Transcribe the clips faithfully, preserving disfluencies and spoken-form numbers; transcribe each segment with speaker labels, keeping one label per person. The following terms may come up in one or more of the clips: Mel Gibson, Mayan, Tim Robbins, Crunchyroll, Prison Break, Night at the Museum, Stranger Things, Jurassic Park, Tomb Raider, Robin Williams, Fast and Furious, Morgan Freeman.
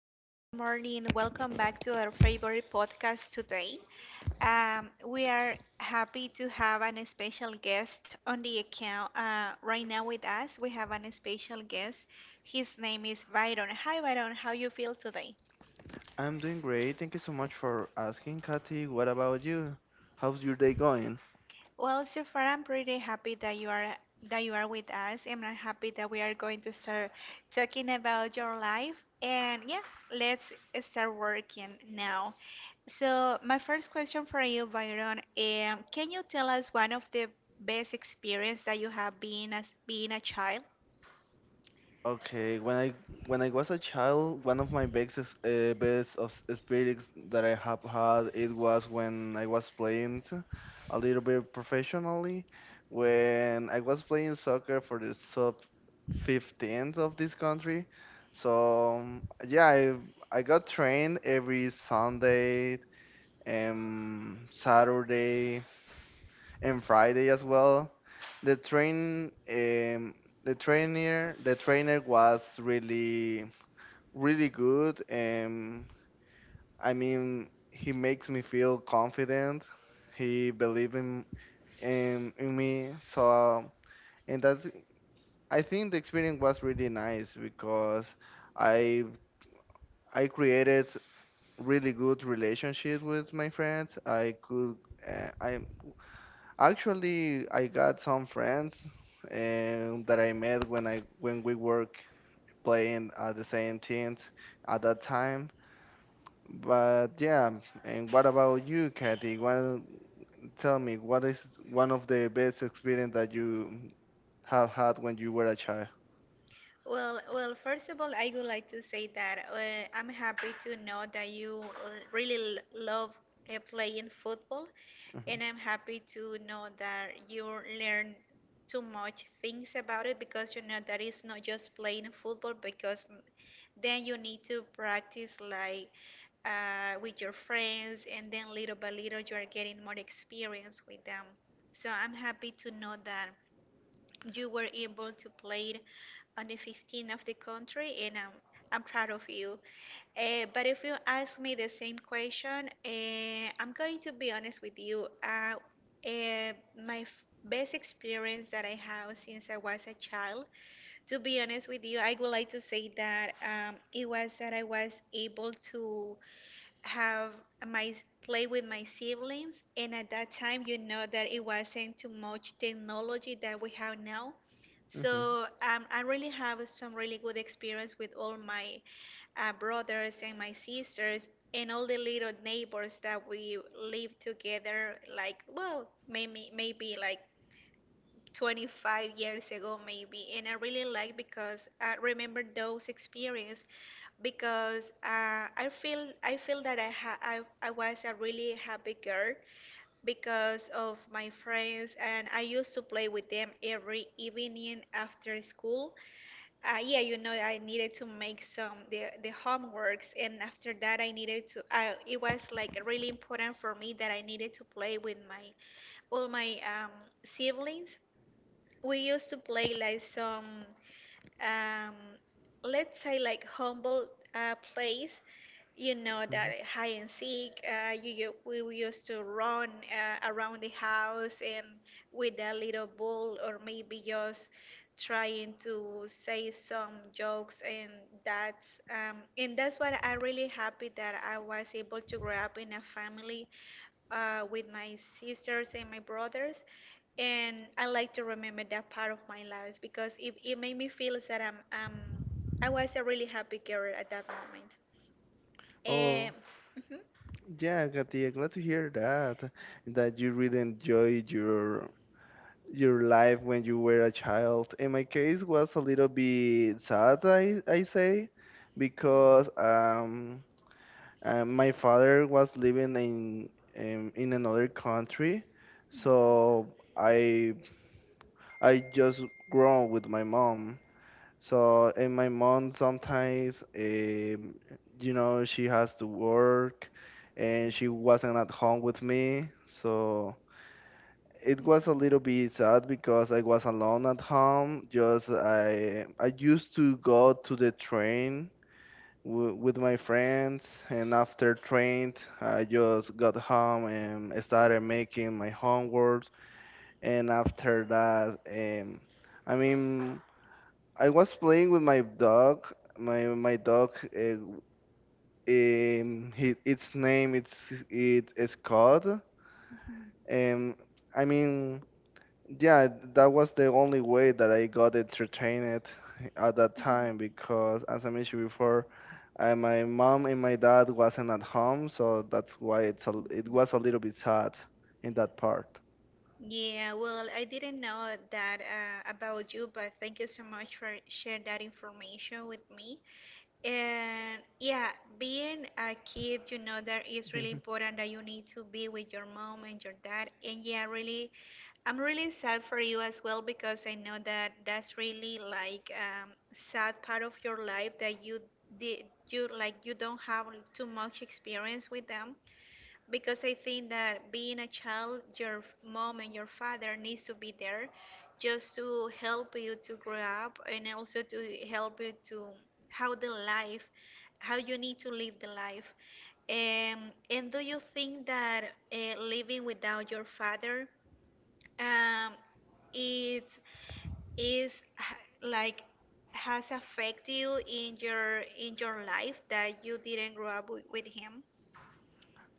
Speaker 1: Hi, good morning. Welcome back to our favorite podcast today. Um, we are happy to have an special guest on the account. Uh, right now with us, we have an special guest. His name is Byron. Hi, Byron. How you feel today?
Speaker 2: I'm doing great. Thank you so much for asking, Kathy. What about you? How's your day going?
Speaker 1: Well, so far I'm pretty happy that you are that you are with us, and I'm happy that we are going to start talking about your life. And yeah, let's start working now. So my first question for you, Byron, um, can you tell us one of the best experience that you have been as being a child?
Speaker 2: Okay, when I when I was a child, one of my best ex- uh, best of experience that I have had it was when I was playing t- a little bit professionally. When I was playing soccer for the sub fifteens of this country, so um, yeah, I I got trained every Sunday and Saturday and Friday as well. The train, um, the trainer, the trainer was really, really good. Um, I mean, he makes me feel confident. He believed in, in in me. So, and that's, I think the experience was really nice because I I created really good relationships with my friends. I could, uh, I Actually, I got some friends um, that I met when I when we were playing at the same teams at that time. But yeah, and what about you, Kathy? Well, tell me, what is one of the best experience that you have had when you were a child?
Speaker 1: Well, well, first of all, I would like to say that uh, I'm happy to know that you l- really l- love uh, playing football,
Speaker 2: Mhm,
Speaker 1: and I'm happy to know that you learn too much things about it because you know that it's not just playing football because mm, then you need to practice like uh, with your friends, and then little by little you are getting more experience with them. So I'm happy to know that. You were able to play it on the fifteenth of the country, and I'm, I'm proud of you. Uh, but if you ask me the same question, uh, I'm going to be honest with you. Uh, uh, my f- best experience that I have since I was a child, to be honest with you, I would like to say that um, it was that I was able to have my play with my siblings, and at that time, you know that it wasn't too much technology that we have now.
Speaker 2: mhm.
Speaker 1: So um, I really have some really good experience with all my uh, brothers and my sisters and all the little neighbors that we live together. Like, well, maybe maybe like twenty-five years ago maybe, and I really like because I remember those experience because uh, i feel i feel that I, ha- I I was a really happy girl because of my friends, and I used to play with them every evening after school uh, yeah you know I needed to make some the, the homeworks, and after that I needed to I, it was like really important for me that I needed to play with my all my um, siblings. We used to play like some um, let's say like humble uh, plays, you know, that hide and seek. Uh, you, you we we used to run uh, around the house and with a little ball, or maybe just trying to say some jokes, and that's um, and that's what I really happy that I was able to grow up in a family uh, with my sisters and my brothers, and I like to remember that part of my life because it, it made me feel that I'm um I was a really happy girl at that moment. Um,
Speaker 2: Oh,
Speaker 1: mhm.
Speaker 2: yeah, Kathy, glad to hear that, that you really enjoyed your your life when you were a child. In my case, was a little bit sad, I, I say, because um, uh, my father was living in, in in another country,
Speaker 1: So I,
Speaker 2: so I I just grown with my mom. So and my mom sometimes, um, you know, she has to work, and she wasn't at home with me, so it was a little bit sad because I was alone at home. Just I I used to go to the train w- with my friends, and after train, I just got home and started making my homework. And after that, um, I mean, I was playing with my dog. My my dog, uh, um, he, its name it's it is Scott. Um, I mean. Yeah, that was the only way that I got entertained at that time because, as I mentioned before, uh, my mom and my dad wasn't at home, so that's why it's a, it was a little bit sad in that part.
Speaker 1: Yeah, well, I didn't know that uh, about you, but thank you so much for sharing that information with me. And yeah, being a kid, you know, that is really
Speaker 2: Mhm.
Speaker 1: important that you need to be with your mom and your dad. And yeah, really, I'm really sad for you as well because I know that that's really like um, sad part of your life that you did you like you don't have too much experience with them because I think that being a child, your mom and your father needs to be there just to help you to grow up and also to help you to how the life, how you need to live the life. Um, and do you think that uh, living without your father, um, it is h- like has affected you in your in your life that you didn't grow up with, with him?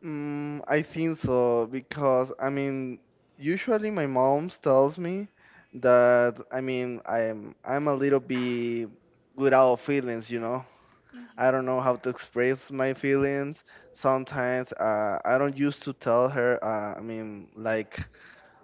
Speaker 2: Mm, I think so because I mean, usually my mom tells me that I mean I'm I'm a little bit without feelings, you know.
Speaker 1: Mhm.
Speaker 2: I don't know how to express my feelings. Sometimes uh, I don't used to tell her, uh, I mean, like,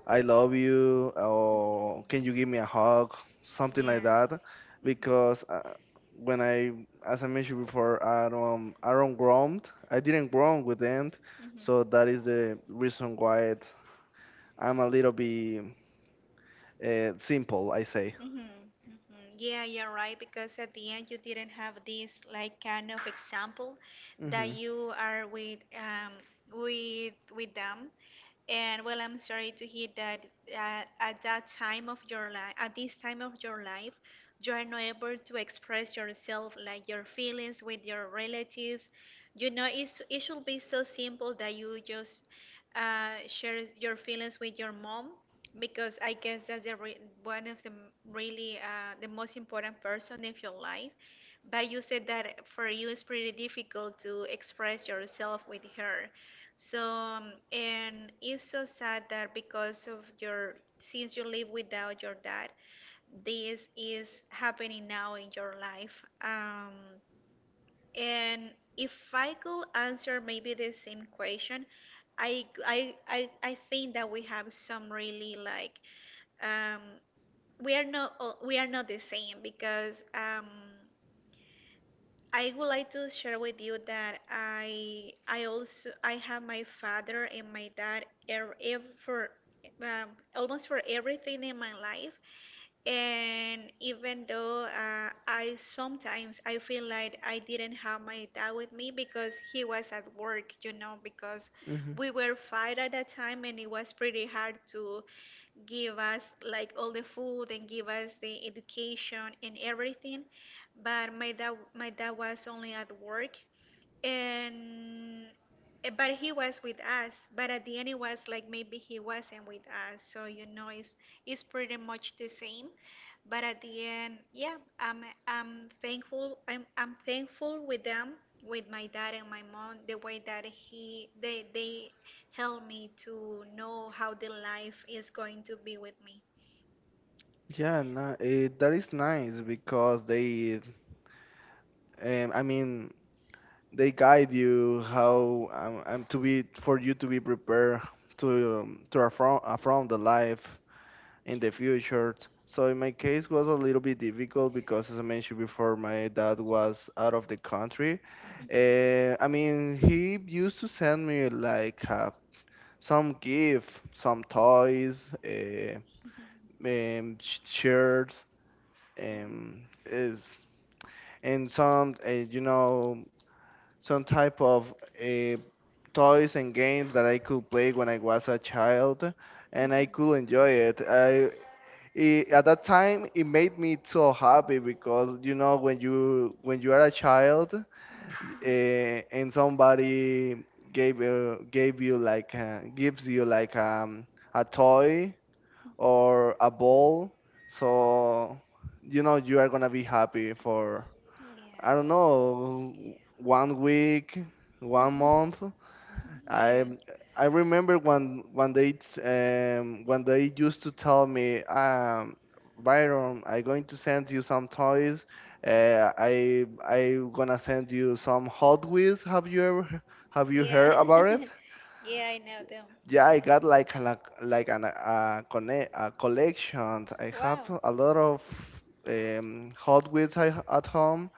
Speaker 2: I love you, or can you
Speaker 1: Mhm.
Speaker 2: give me a hug, something like
Speaker 1: Yeah.
Speaker 2: that.
Speaker 1: Mhm.
Speaker 2: Because uh, when I, as I mentioned before, I don't, I don't grown, I didn't grow with them.
Speaker 1: Mhm.
Speaker 2: So that is the reason why it, I'm a little bit uh, simple, I say.
Speaker 1: Mm-hmm, mm-hmm. Yeah, you're right, because at the end you didn't have this like kind of example that
Speaker 2: Hmm,
Speaker 1: you are with um with with them. And well, I'm sorry to hear that uh, at that time of your life, at this time of your life, you are not able to express yourself like your feelings with your relatives. You know, it's, it should be so simple that you just uh, share your feelings with your mom because I guess that's the re- one of the m- really uh, the most important person in your life. But you said that for you it's pretty difficult to express yourself with her. So um, and it's so sad that because of your since you live without your dad, this is happening now in your life. Um, and if I could answer maybe the same question, I, I, I, I think that we have some really like um, we are not all- we are not the same because um, I would like to share with you that I I also I have my father and my dad er, ev for um, almost for everything in my life, and even though uh, I sometimes I feel like I didn't have my dad with me because he was at work, you know, because
Speaker 2: hmm.
Speaker 1: we were five at that time, and it was pretty hard to give us like all the food and give us the education and everything, but my dad my dad was only at work, and eh, but he was with us, but at the end it was like maybe he wasn't with us. So you know it's it's pretty much the same, but at the end, yeah, i'm i'm thankful i'm i'm thankful with them, with my dad and my mom, the way that he they they helped me to know how the life is going to be with me.
Speaker 2: Yeah, no, eh, that is nice because they, um, I mean, they guide you how um, um, to be for you to be prepared to um, to affront, affront the life in
Speaker 1: Can't
Speaker 2: the
Speaker 1: write.
Speaker 2: future. So in my case was a little bit difficult because as I mentioned before, my dad was out of the country. Uh, I mean, he used to send me like uh, some gift, some toys, uh, um, sh- shirts,
Speaker 1: Mhm.
Speaker 2: um, is and some uh, you know some type of uh, toys and games that I could play when I was a child, and I could enjoy it. I it, at that time it made me so happy because you know when you when you are a child uh, and somebody gave uh, gave you like uh, gives you like um, a toy or a ball, so you know you are gonna be happy for
Speaker 1: Mhm. Yeah.
Speaker 2: I don't know one week, one month.
Speaker 1: Yeah.
Speaker 2: I I remember when when they um when they used to tell me um Byron, I'm going to send you some toys, uh, I I gonna send you some Hot Wheels. Have you ever he- have you
Speaker 1: Yeah.
Speaker 2: heard about it?
Speaker 1: Yeah, I know them.
Speaker 2: Yeah, I got like a, like like an a, conne a collection. I have
Speaker 1: Wow.
Speaker 2: a lot of um Hot Wheels I, at home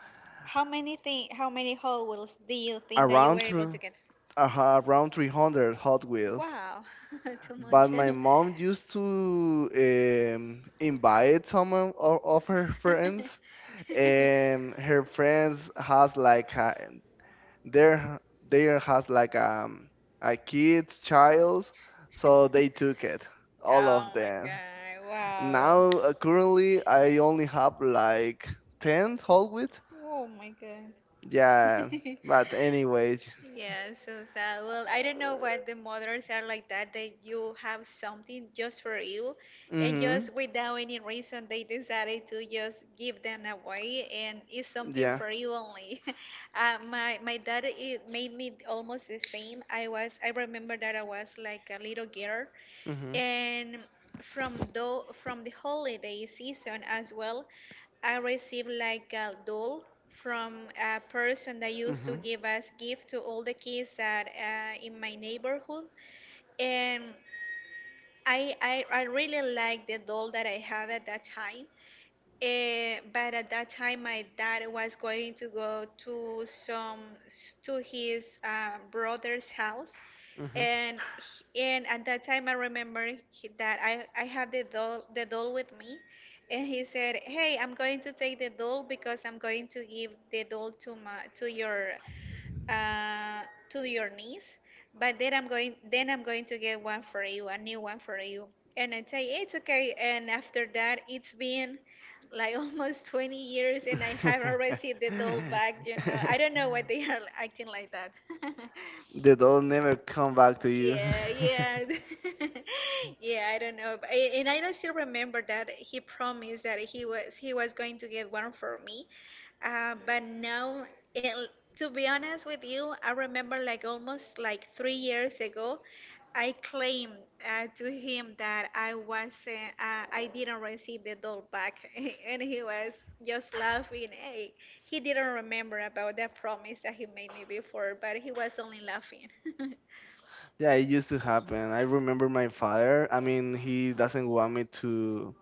Speaker 1: How many thing how many whole wheels do you think that you
Speaker 2: around
Speaker 1: were able to
Speaker 2: through
Speaker 1: get?
Speaker 2: around three hundred Hot Wheels.
Speaker 1: Wow. Too
Speaker 2: But
Speaker 1: much.
Speaker 2: my mom used to um, invite some of, o- of her friends, and her friends has like a, their there has like um, a kid child, so they took it, all
Speaker 1: Oh
Speaker 2: of
Speaker 1: my
Speaker 2: them.
Speaker 1: god. Wow.
Speaker 2: Now uh, currently I only have like ten whole wheat.
Speaker 1: Oh my god.
Speaker 2: Yeah, but anyways.
Speaker 1: Yeah, so sad. Well, I don't know why the mothers are like that, that you have something just for you, and
Speaker 2: Mhm.
Speaker 1: just without any reason, they decided to just give them away, and it's something
Speaker 2: Yeah.
Speaker 1: for you only. Uh, my my dad, it made me almost the same. I was, I remember that I was like a little girl,
Speaker 2: Mhm.
Speaker 1: and from the from the holiday season as well, I received like a doll from a person that used
Speaker 2: Mhm.
Speaker 1: to give us gift to all the kids that uh, in my neighborhood, and I, I I really liked the doll that I had at that time. Eh, but at that time, my dad was going to go to some to his uh, brother's house,
Speaker 2: Mhm.
Speaker 1: and he- and at that time, I remember he- that I I had the doll the doll with me, and he said, "Hey, I'm going to take the doll because I'm going to give the doll to my to your uh, to your niece, but then I'm going then I'm going to get one for you, a new one for you." And I say it's okay. And after that, it's been like almost twenty years, and I haven't received the doll back. You know, I don't know why they are acting like that.
Speaker 2: The doll never come back to you.
Speaker 1: Yeah, yeah. Yeah, I don't know. But I, and I still remember that he promised that he was he was going to get one for me. Uh, but now it, to be honest with you, I remember like almost like three years ago, I claimed uh, to him that I wasn't, uh, I didn't receive the doll back, and he was just laughing. Hey, he didn't remember about that promise that he made me before, but he was only laughing.
Speaker 2: Yeah, it used to happen. I remember my father. I mean, he doesn't want me to.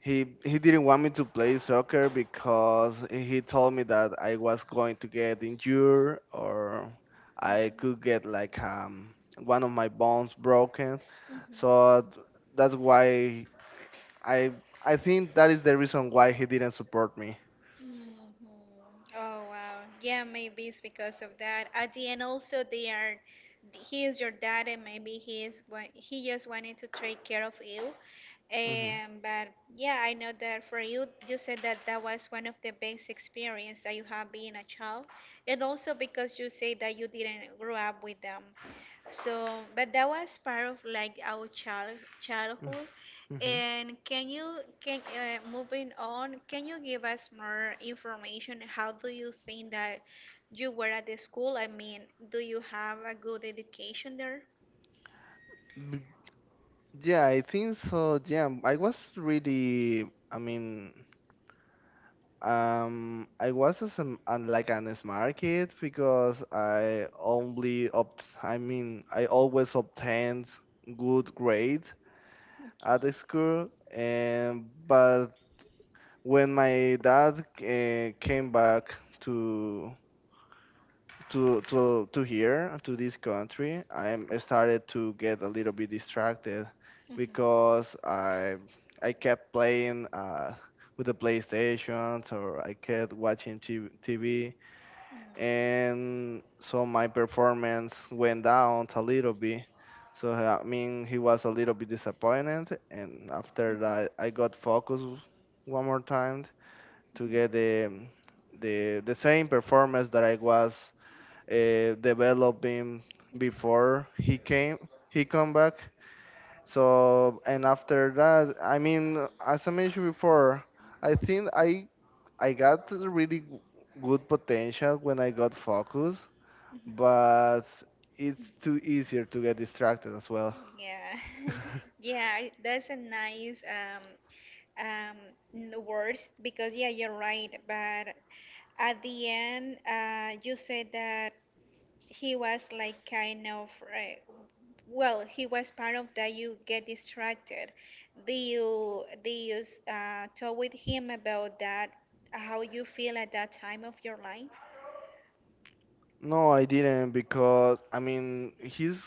Speaker 2: He he didn't want me to play soccer because he told me that I was going to get injured or I could
Speaker 1: Mhm.
Speaker 2: get like um one of my bones broken.
Speaker 1: Mhm.
Speaker 2: So that's why I I think that is the reason why he didn't support me.
Speaker 1: Mhm. Oh wow. Yeah, maybe it's because of that. At the end also they are he is your dad, and maybe he is wa- he just wanted to take care of you.
Speaker 2: Hmm,
Speaker 1: Um, but yeah, I know that for you, you said that that was one of the best experience that you have being a child, and also because you say that you didn't grow up with them. So, but that was part of like our child childhood.
Speaker 2: hmm.
Speaker 1: And can you can uh, moving on, can you give us more information? How do you think that you were at the school? I mean, do you have a good education there?
Speaker 2: B- Yeah, I think so. Yeah, I was really. I mean, um, I was as an, an- like an smart kid because I only opt. I mean, I always obtained good grades at the
Speaker 1: Okay.
Speaker 2: school. And but when my dad uh, came back to to to to here to this country i'm I started to get a little bit distracted
Speaker 1: Mhm.
Speaker 2: because i i kept playing uh with the playstations or I kept watching T V, tv and so my performance went down a little bit so I mean he was a little bit disappointed and after that I got focused one more time to get the the the same performance that I was uh, developing
Speaker 1: Mhm. Mhm. Mhm.
Speaker 2: before he came he come back. So and after that I mean as I mentioned before I think i i got a really g- good potential when I got focused
Speaker 1: Mhm.
Speaker 2: but it's too easier to get distracted as well.
Speaker 1: Mhm. Yeah, yeah, I- that's a nice um, um n- words, because yeah you're right, but at the end uh you said that he was like kind of uh, well he was part of that you get distracted. Do you do you uh, talk with him about that, how you feel at that time of your life?
Speaker 2: No I didn't because I mean he's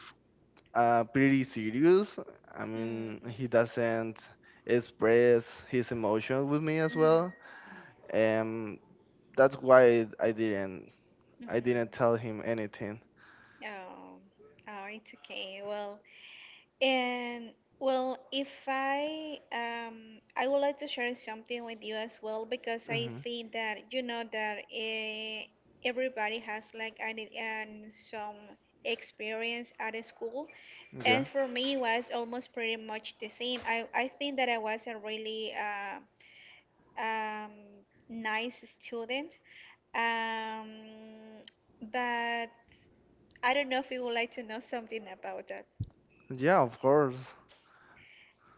Speaker 2: uh, pretty serious I mean he
Speaker 1: Mm-hmm.
Speaker 2: doesn't express his emotions with me as
Speaker 1: Mm-hmm.
Speaker 2: well. Um, that's why I didn't I didn't tell him
Speaker 1: Mm-hmm.
Speaker 2: anything.
Speaker 1: Oh, oh, it's okay. Well, And well, if I um I would like to share something with you as well because I
Speaker 2: Mhm.
Speaker 1: think that you know that eh, everybody has like an, an some experience at a school,
Speaker 2: Yeah.
Speaker 1: and for me it was almost pretty much the same. I I think that I was a really uh, um nice student. Um but I don't know if you would like to know something about that.
Speaker 2: Yeah, of course.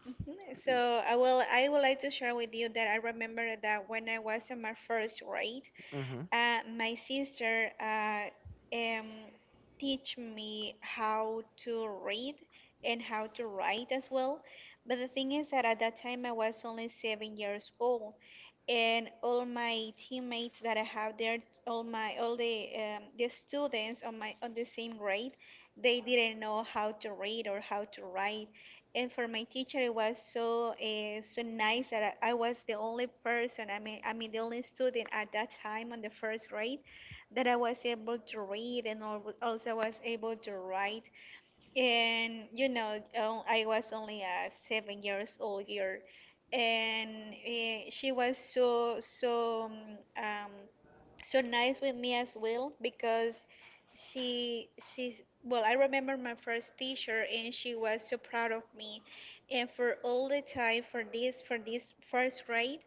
Speaker 1: Mhm. So I will I would like to share with you that I remember that when I was in my first grade,
Speaker 2: Mhm.
Speaker 1: uh, my sister uh, um, teach me how to read and how to write as well. But the thing is that at that time I was only seven years old, and all my teammates that I have there, all my all the um, the students on my on the same grade, they didn't know how to read or how to write. And for my teacher, it was so uh, so nice that I, I was the only person, I mean, I mean the only student at that time on the first grade that I was able to read and al- also was able to write. And you know, um, I was only a seven years old year, and uh, she was so so um, um, so nice with me as well because she she well, I remember my first teacher, and she was so proud of me, and for all the time for this for this first grade,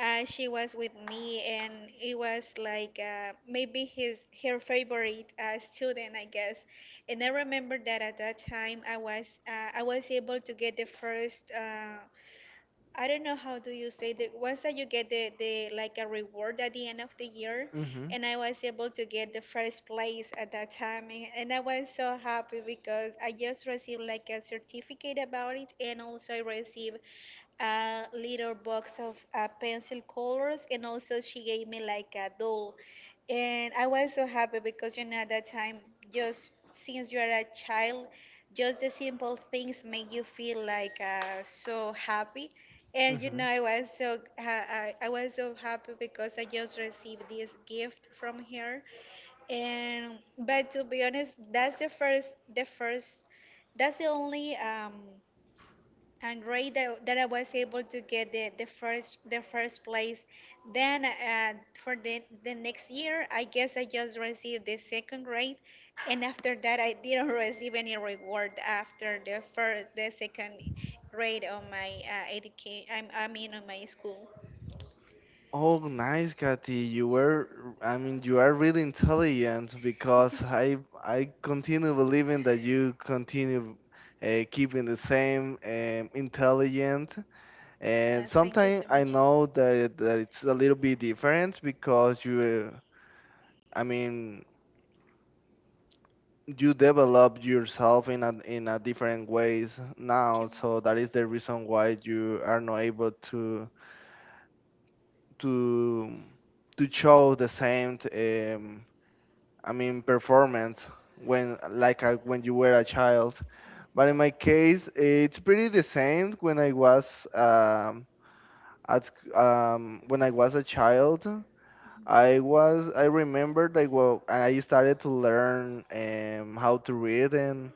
Speaker 1: uh, she was with me, and it was like uh, maybe his her favorite uh, student, I guess. And I remember that at that time I was uh, I was able to get the first, uh, I don't know how do you say the once that you get the, the like a reward at the end of the year,
Speaker 2: Mhm.
Speaker 1: and I was able to get the first place at that time, and and I was so happy because I just received like a certificate about it, and also I received a little box of uh, pencil colors, and also she gave me like a doll. And I was so happy because you know at that time, just since you are a child, just the simple things make you feel like uh, so happy. And you know,
Speaker 2: Mhm.
Speaker 1: I was so ha- I, I was so happy because I just received this gift from her. And but to be honest, that's the first the first that's the only um and great that, that I was able to get the, the first the first place. Then uh, for the the next year, I guess I just received the second grade, and after that, I didn't receive any reward after the first the second grade of my uh, education. I, I mean on my school.
Speaker 2: Oh, nice, Katy. You were, I mean, you are really intelligent because I I continue believing that you continue uh, keeping the same um, intelligent.
Speaker 1: Uh,
Speaker 2: And
Speaker 1: thank you so
Speaker 2: sometimes I
Speaker 1: much.
Speaker 2: know that that it's a little bit different because you, uh, I mean, you develop yourself in a in a different ways now so that is the
Speaker 1: Correct.
Speaker 2: reason why you are not able to to to show the same um, I mean performance when like uh, when you were a child but in my case it's pretty the same when I was um, at sc- um, when I was a child. I was I remember that well I started to learn um, how to read and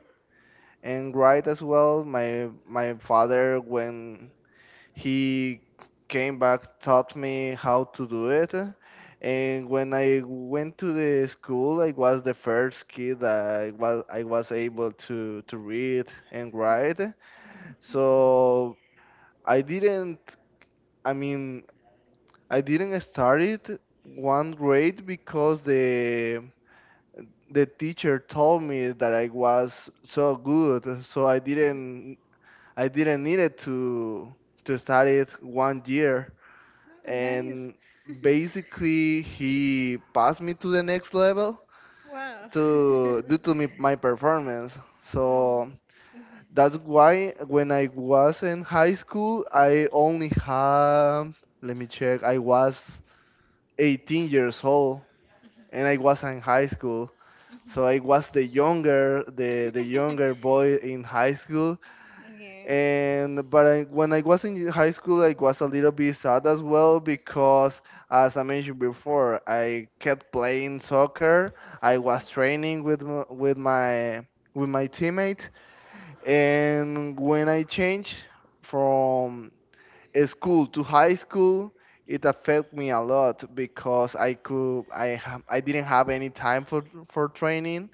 Speaker 2: and right as well. My my father when he came back taught me how to do it and when I went to the school I was the first kid that i was I was able to to read and write so I didn't I mean I didn't start it one grade because the the teacher told me that I was so good, so I didn't I didn't need it to to study it one year,
Speaker 1: Ah, nice.
Speaker 2: and basically he passed me to the next level
Speaker 1: Wow.
Speaker 2: to due to me, my performance.
Speaker 1: Mm.
Speaker 2: So
Speaker 1: Mhm.
Speaker 2: that's why when I was in high school, I only had let me check. I was eighteen years old, and I was in high school.
Speaker 1: Mhm.
Speaker 2: So I was the younger, the the younger boy in high school.
Speaker 1: Yeah.
Speaker 2: And but I, when I was in high school, I was a little bit sad as well because, as I mentioned before, I kept playing soccer. I was training with m- with my with my teammates, and when I changed from school to high school, it affected me a lot because I could I ha- I didn't have any time for for training,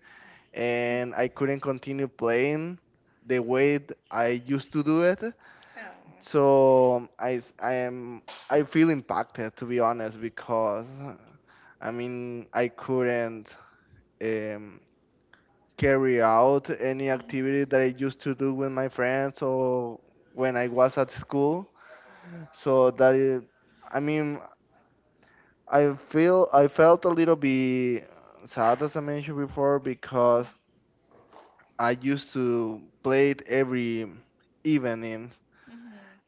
Speaker 2: and I couldn't continue playing the way I used to do it so I s- I am I feel impacted to be honest
Speaker 1: Oh.
Speaker 2: because uh, I mean I couldn't um, carry
Speaker 1: Mhm.
Speaker 2: out any activity that I used to do with my friends or when I was at school. So that is, I mean I feel I felt a little bit sad as I mentioned before because I used to play it every evening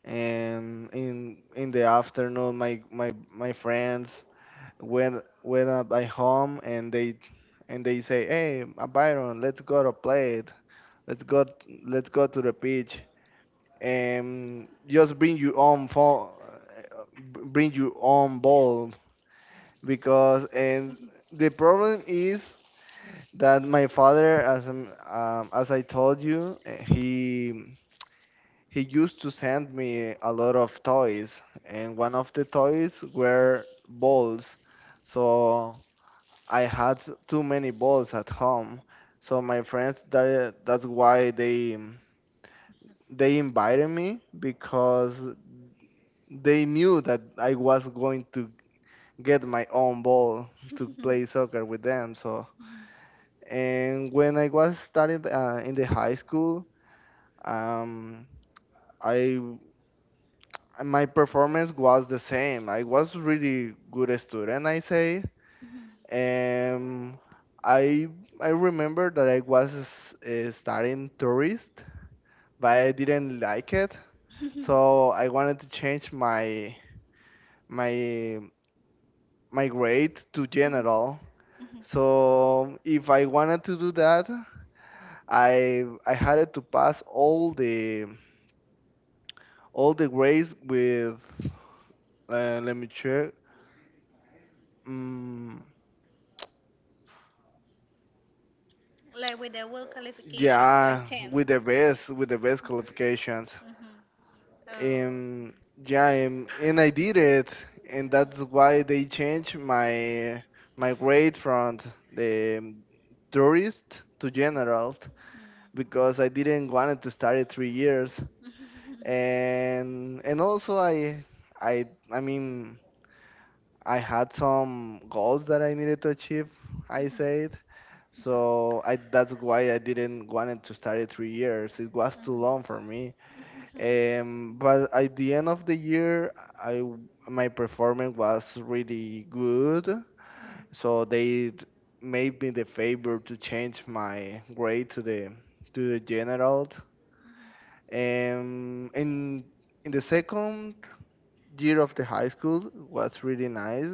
Speaker 2: and in in the afternoon my my my friends went went up by home and they and they say hey uh, byron let's go to play it let's go let's go to the beach and just bring your own phone bring your own ball because and the problem is that my father as I'm- um, as I told you eh, he he used to send me a lot of toys, and one of the toys were balls. So I had too many balls at home. So my friends, that that's why they they invited me because they knew that I was going to get my own ball
Speaker 1: Mhm.
Speaker 2: to
Speaker 1: Mhm. Mhm. Mhm.
Speaker 2: play soccer with them. So and when I was started uh, in the high school, um, I and my performance was the same. I was really good student, I say. Um, I I remember that I was uh, studying tourist, but I didn't like it,
Speaker 1: Mhm.
Speaker 2: so I wanted to change my my my grade to
Speaker 1: Mhm.
Speaker 2: general.
Speaker 1: Mhm. Mhm.
Speaker 2: So if I wanted to do that, I I had to pass all the all the grades with uh, let me check. Mm,
Speaker 1: Like with the, well, qualifications,
Speaker 2: Yeah,
Speaker 1: like ten.
Speaker 2: with the best, with the best qualifications.
Speaker 1: Mhm. Mhm. Oh.
Speaker 2: Um, yeah, um, and I did it, and that's why they changed my my grade from the um, tourist to general because I didn't want to study three years,
Speaker 1: Mm. Mhm. Mhm.
Speaker 2: and and also I I I mean I had some goals that I needed to achieve. I said. So I that's why I didn't wanted to study three years. It was too long for me. Um, but at the end of the year, I my performance was really good. So they d- made me the favor to change my grade to the to the general. Um, in in the second year of the high school was really nice,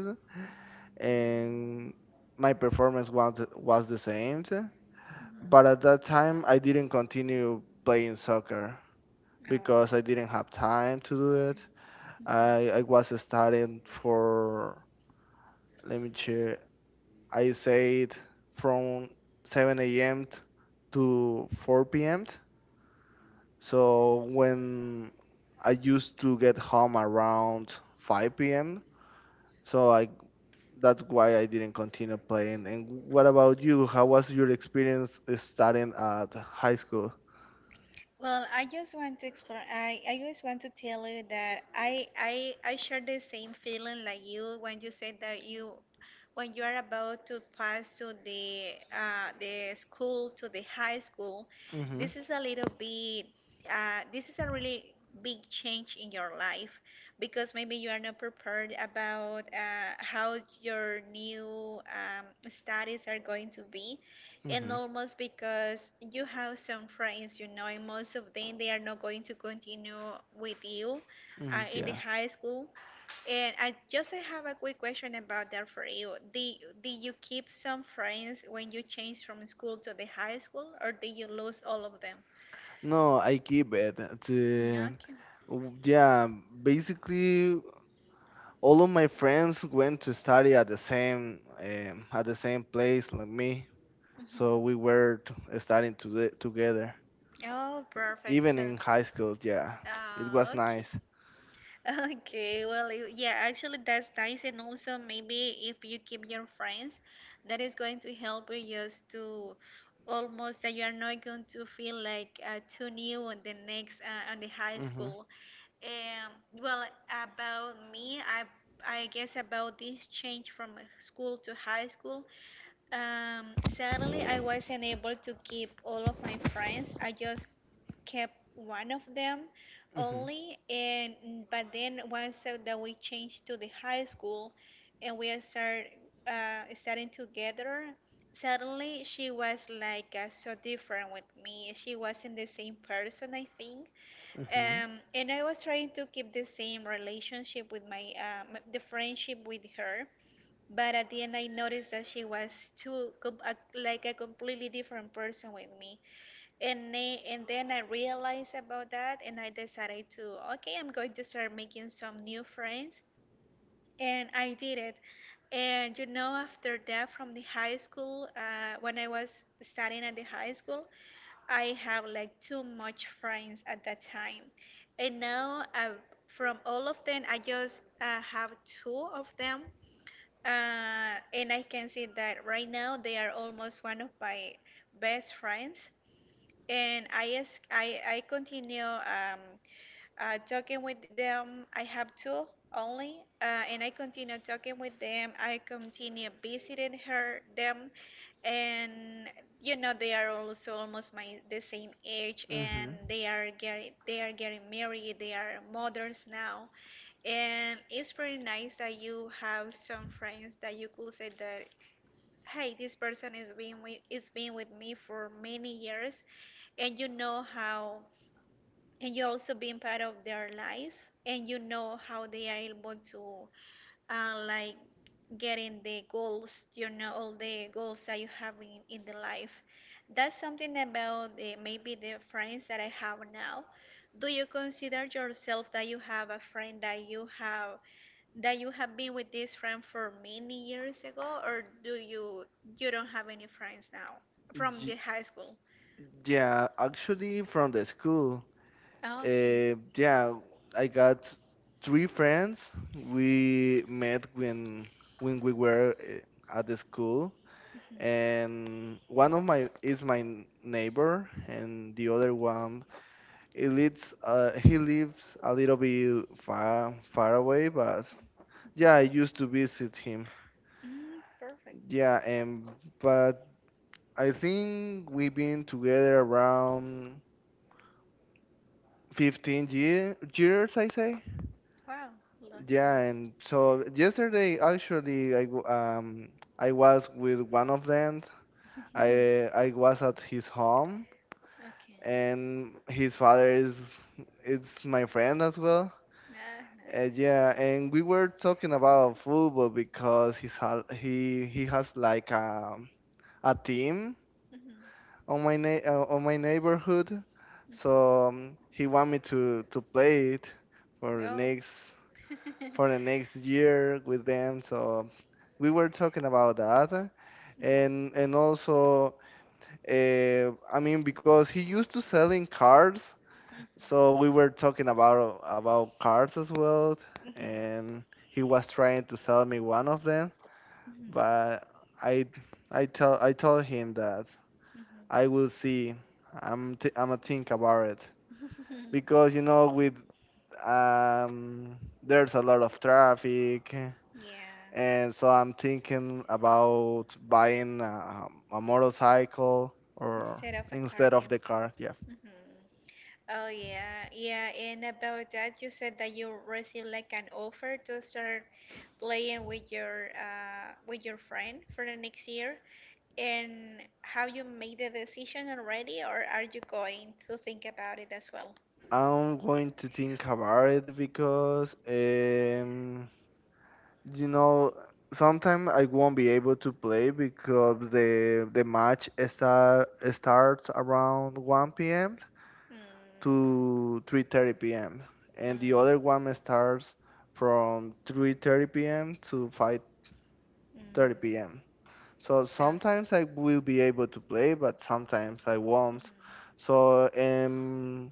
Speaker 2: and my performance was was the same.
Speaker 1: Mhm.
Speaker 2: But at that time, I didn't continue playing soccer because I didn't have time to do it. I, I was studying for, let me check, I said from seven a m to four p m. So when I used to get home around five p m, so I that's why I didn't continue playing. And what about you? How was your experience studying at high school?
Speaker 1: Well, I just want to explore. I, I just want to tell you that I, I I share the same feeling like you when you said that you when you are about to pass to the uh, the school to the high school.
Speaker 2: Mm-hmm.
Speaker 1: This is a little bit. Uh, this is a really big change in your life because maybe you are not prepared about uh, how your new um, studies are going to be, and almost because you have some friends, you know, and most of them they are not going to continue with you uh,
Speaker 2: Mm,
Speaker 1: in the
Speaker 2: yeah.
Speaker 1: high school. And I just I have a quick question about that for you. Did did you keep some friends when you changed from school to the high school, or did you lose all of them?
Speaker 2: No, I keep it.
Speaker 1: Mm,
Speaker 2: The,
Speaker 1: okay.
Speaker 2: w- yeah, basically all of my friends went to study at the same um, at the same place like me. So we
Speaker 1: Hmm.
Speaker 2: were t- studying to together.
Speaker 1: Oh, perfect.
Speaker 2: Even
Speaker 1: So,
Speaker 2: in high school, yeah. It was
Speaker 1: uh, okay.
Speaker 2: nice.
Speaker 1: Okay, well, you- yeah, actually that's nice, and also maybe if you keep your friends, that is going to help you just to almost that you are not going to feel like uh, too new on the next uh, on the high
Speaker 2: Mhm.
Speaker 1: school. Um, well, about me, I I guess about this change from school to high school. Um, sadly, I wasn't able to keep all of my friends. I just kept one of them
Speaker 2: Mhm.
Speaker 1: only. And but then once out that we changed to the high school, and we start uh, studying together. Suddenly, she was like uh, so different with me. She wasn't the same person, I think.
Speaker 2: Mhm.
Speaker 1: Um, and I was trying to keep the same relationship with my, uh, m the friendship with her, but at the end, I noticed that she was too com- a, like a completely different person with me. And then, and then I realized about that, and I decided to, okay, I'm going to start making some new friends, and I did it. And you know, after that, from the high school, uh, when I was studying at the high school, I have like too much friends at that time, and now uh, from all of them, I just uh, have two of them, uh, and I can see that right now they are almost one of my best friends. And I ask, I, I continue um, uh, talking with them. I have two only, uh, and I continue talking with them. I continue visiting her them, and you know they are also almost my the same age, and
Speaker 2: Mhm.
Speaker 1: they are getting they are getting married. They are mothers now, and it's pretty nice that you have some friends that you could say that, hey, this person is being with, is been with me for many years, and you know how, and you're also being part of their life, and you know how they are able to, uh, like, getting the goals, you know, all the goals that you have in, in the life. That's something about the, maybe the friends that I have now. Do you consider yourself that you have a friend that you have? that you have been with this friend for many years ago, or do you you don't have any friends now from
Speaker 2: Y-
Speaker 1: the high school?
Speaker 2: yeah, actually from the school.
Speaker 1: Oh, okay.
Speaker 2: Uh, yeah, I got three friends. We met when when we were uh, at the school,
Speaker 1: Mhm.
Speaker 2: and one of my is my n- neighbor, and the other one he lives uh, he lives a little bit far far away, but yeah, I used to visit him.
Speaker 1: Mm, perfect.
Speaker 2: Yeah, and but I think we've been together around fifteen year, years, I say.
Speaker 1: Wow, lot.
Speaker 2: Yeah, and so yesterday actually I w- um I was with one of them. I I was at his home
Speaker 1: Okay.
Speaker 2: and his father is it's my friend as well.
Speaker 1: Ah,
Speaker 2: Uh,
Speaker 1: nice.
Speaker 2: yeah, and we were talking about football because he's ha- he he has like a a team
Speaker 1: Mhm.
Speaker 2: on my na- uh, on my neighborhood.
Speaker 1: Mhm.
Speaker 2: So um, he want me to to play it for the
Speaker 1: Oh.
Speaker 2: next for the next year with them. So we were talking about that,
Speaker 1: Mhm.
Speaker 2: and and also uh, I mean because he used to selling cars, so we were talking about about cars as well,
Speaker 1: Mhm.
Speaker 2: and he was trying to sell me one of them,
Speaker 1: Mhm.
Speaker 2: but I I tell I told him that I
Speaker 1: Mhm.
Speaker 2: will see. I'm t- I'm gonna think about it
Speaker 1: Mhm.
Speaker 2: because you know with um there's a lot of traffic.
Speaker 1: Yeah.
Speaker 2: And so I'm thinking about buying a, a motorcycle or
Speaker 1: Instead of a
Speaker 2: instead of
Speaker 1: cardigan.
Speaker 2: the car. Yeah.
Speaker 1: Mhm. Oh yeah, yeah. And about that, you said that you received like an offer to start playing with your uh with your friend for the next year. And how you made the decision already, or are you going to think about it as well?
Speaker 2: I'm going to think about it because, um, you know, sometimes I won't be able to play because the the match start, starts around one p m
Speaker 1: Mm,
Speaker 2: to three thirty p m and the other
Speaker 1: mm,
Speaker 2: one starts from
Speaker 1: mm.
Speaker 2: three thirty p m to five thirty p m. So sometimes I will be able to play, but sometimes I won't. So um,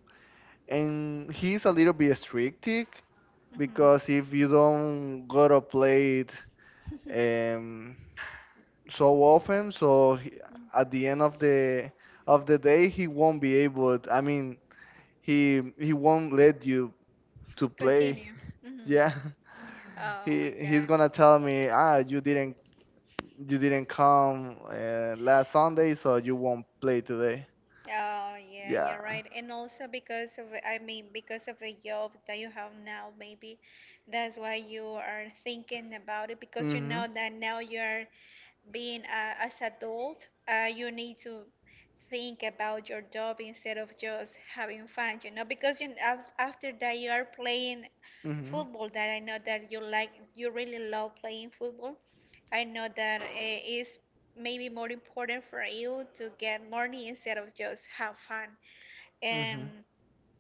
Speaker 2: and he's a little bit strict
Speaker 1: Yeah. Mm-hmm.
Speaker 2: because
Speaker 1: Mm-hmm.
Speaker 2: if you don't go to play it um, so often, so he, at
Speaker 1: Mm.
Speaker 2: the end of the of the day he won't be able. I mean, he he won't let you to play.
Speaker 1: Continue. Mm-hmm.
Speaker 2: Yeah,
Speaker 1: Oh
Speaker 2: he
Speaker 1: my
Speaker 2: he's
Speaker 1: God.
Speaker 2: gonna tell me, ah, you didn't you didn't come uh, last Sunday, so you won't play today.
Speaker 1: Oh yeah, you're
Speaker 2: Yeah.
Speaker 1: right. And also because of, I mean, because of the job that you have now, maybe that's why you are thinking about it, because you
Speaker 2: Mhm.
Speaker 1: know that now you are being uh, as adult, uh, you need to think about your job instead of just having fun. You know because you af- after that, you are playing
Speaker 2: Mhm.
Speaker 1: football, that I know that you like you really love playing football. I know that uh, it's maybe more important for you to get money instead of just have fun. And
Speaker 2: Mhm.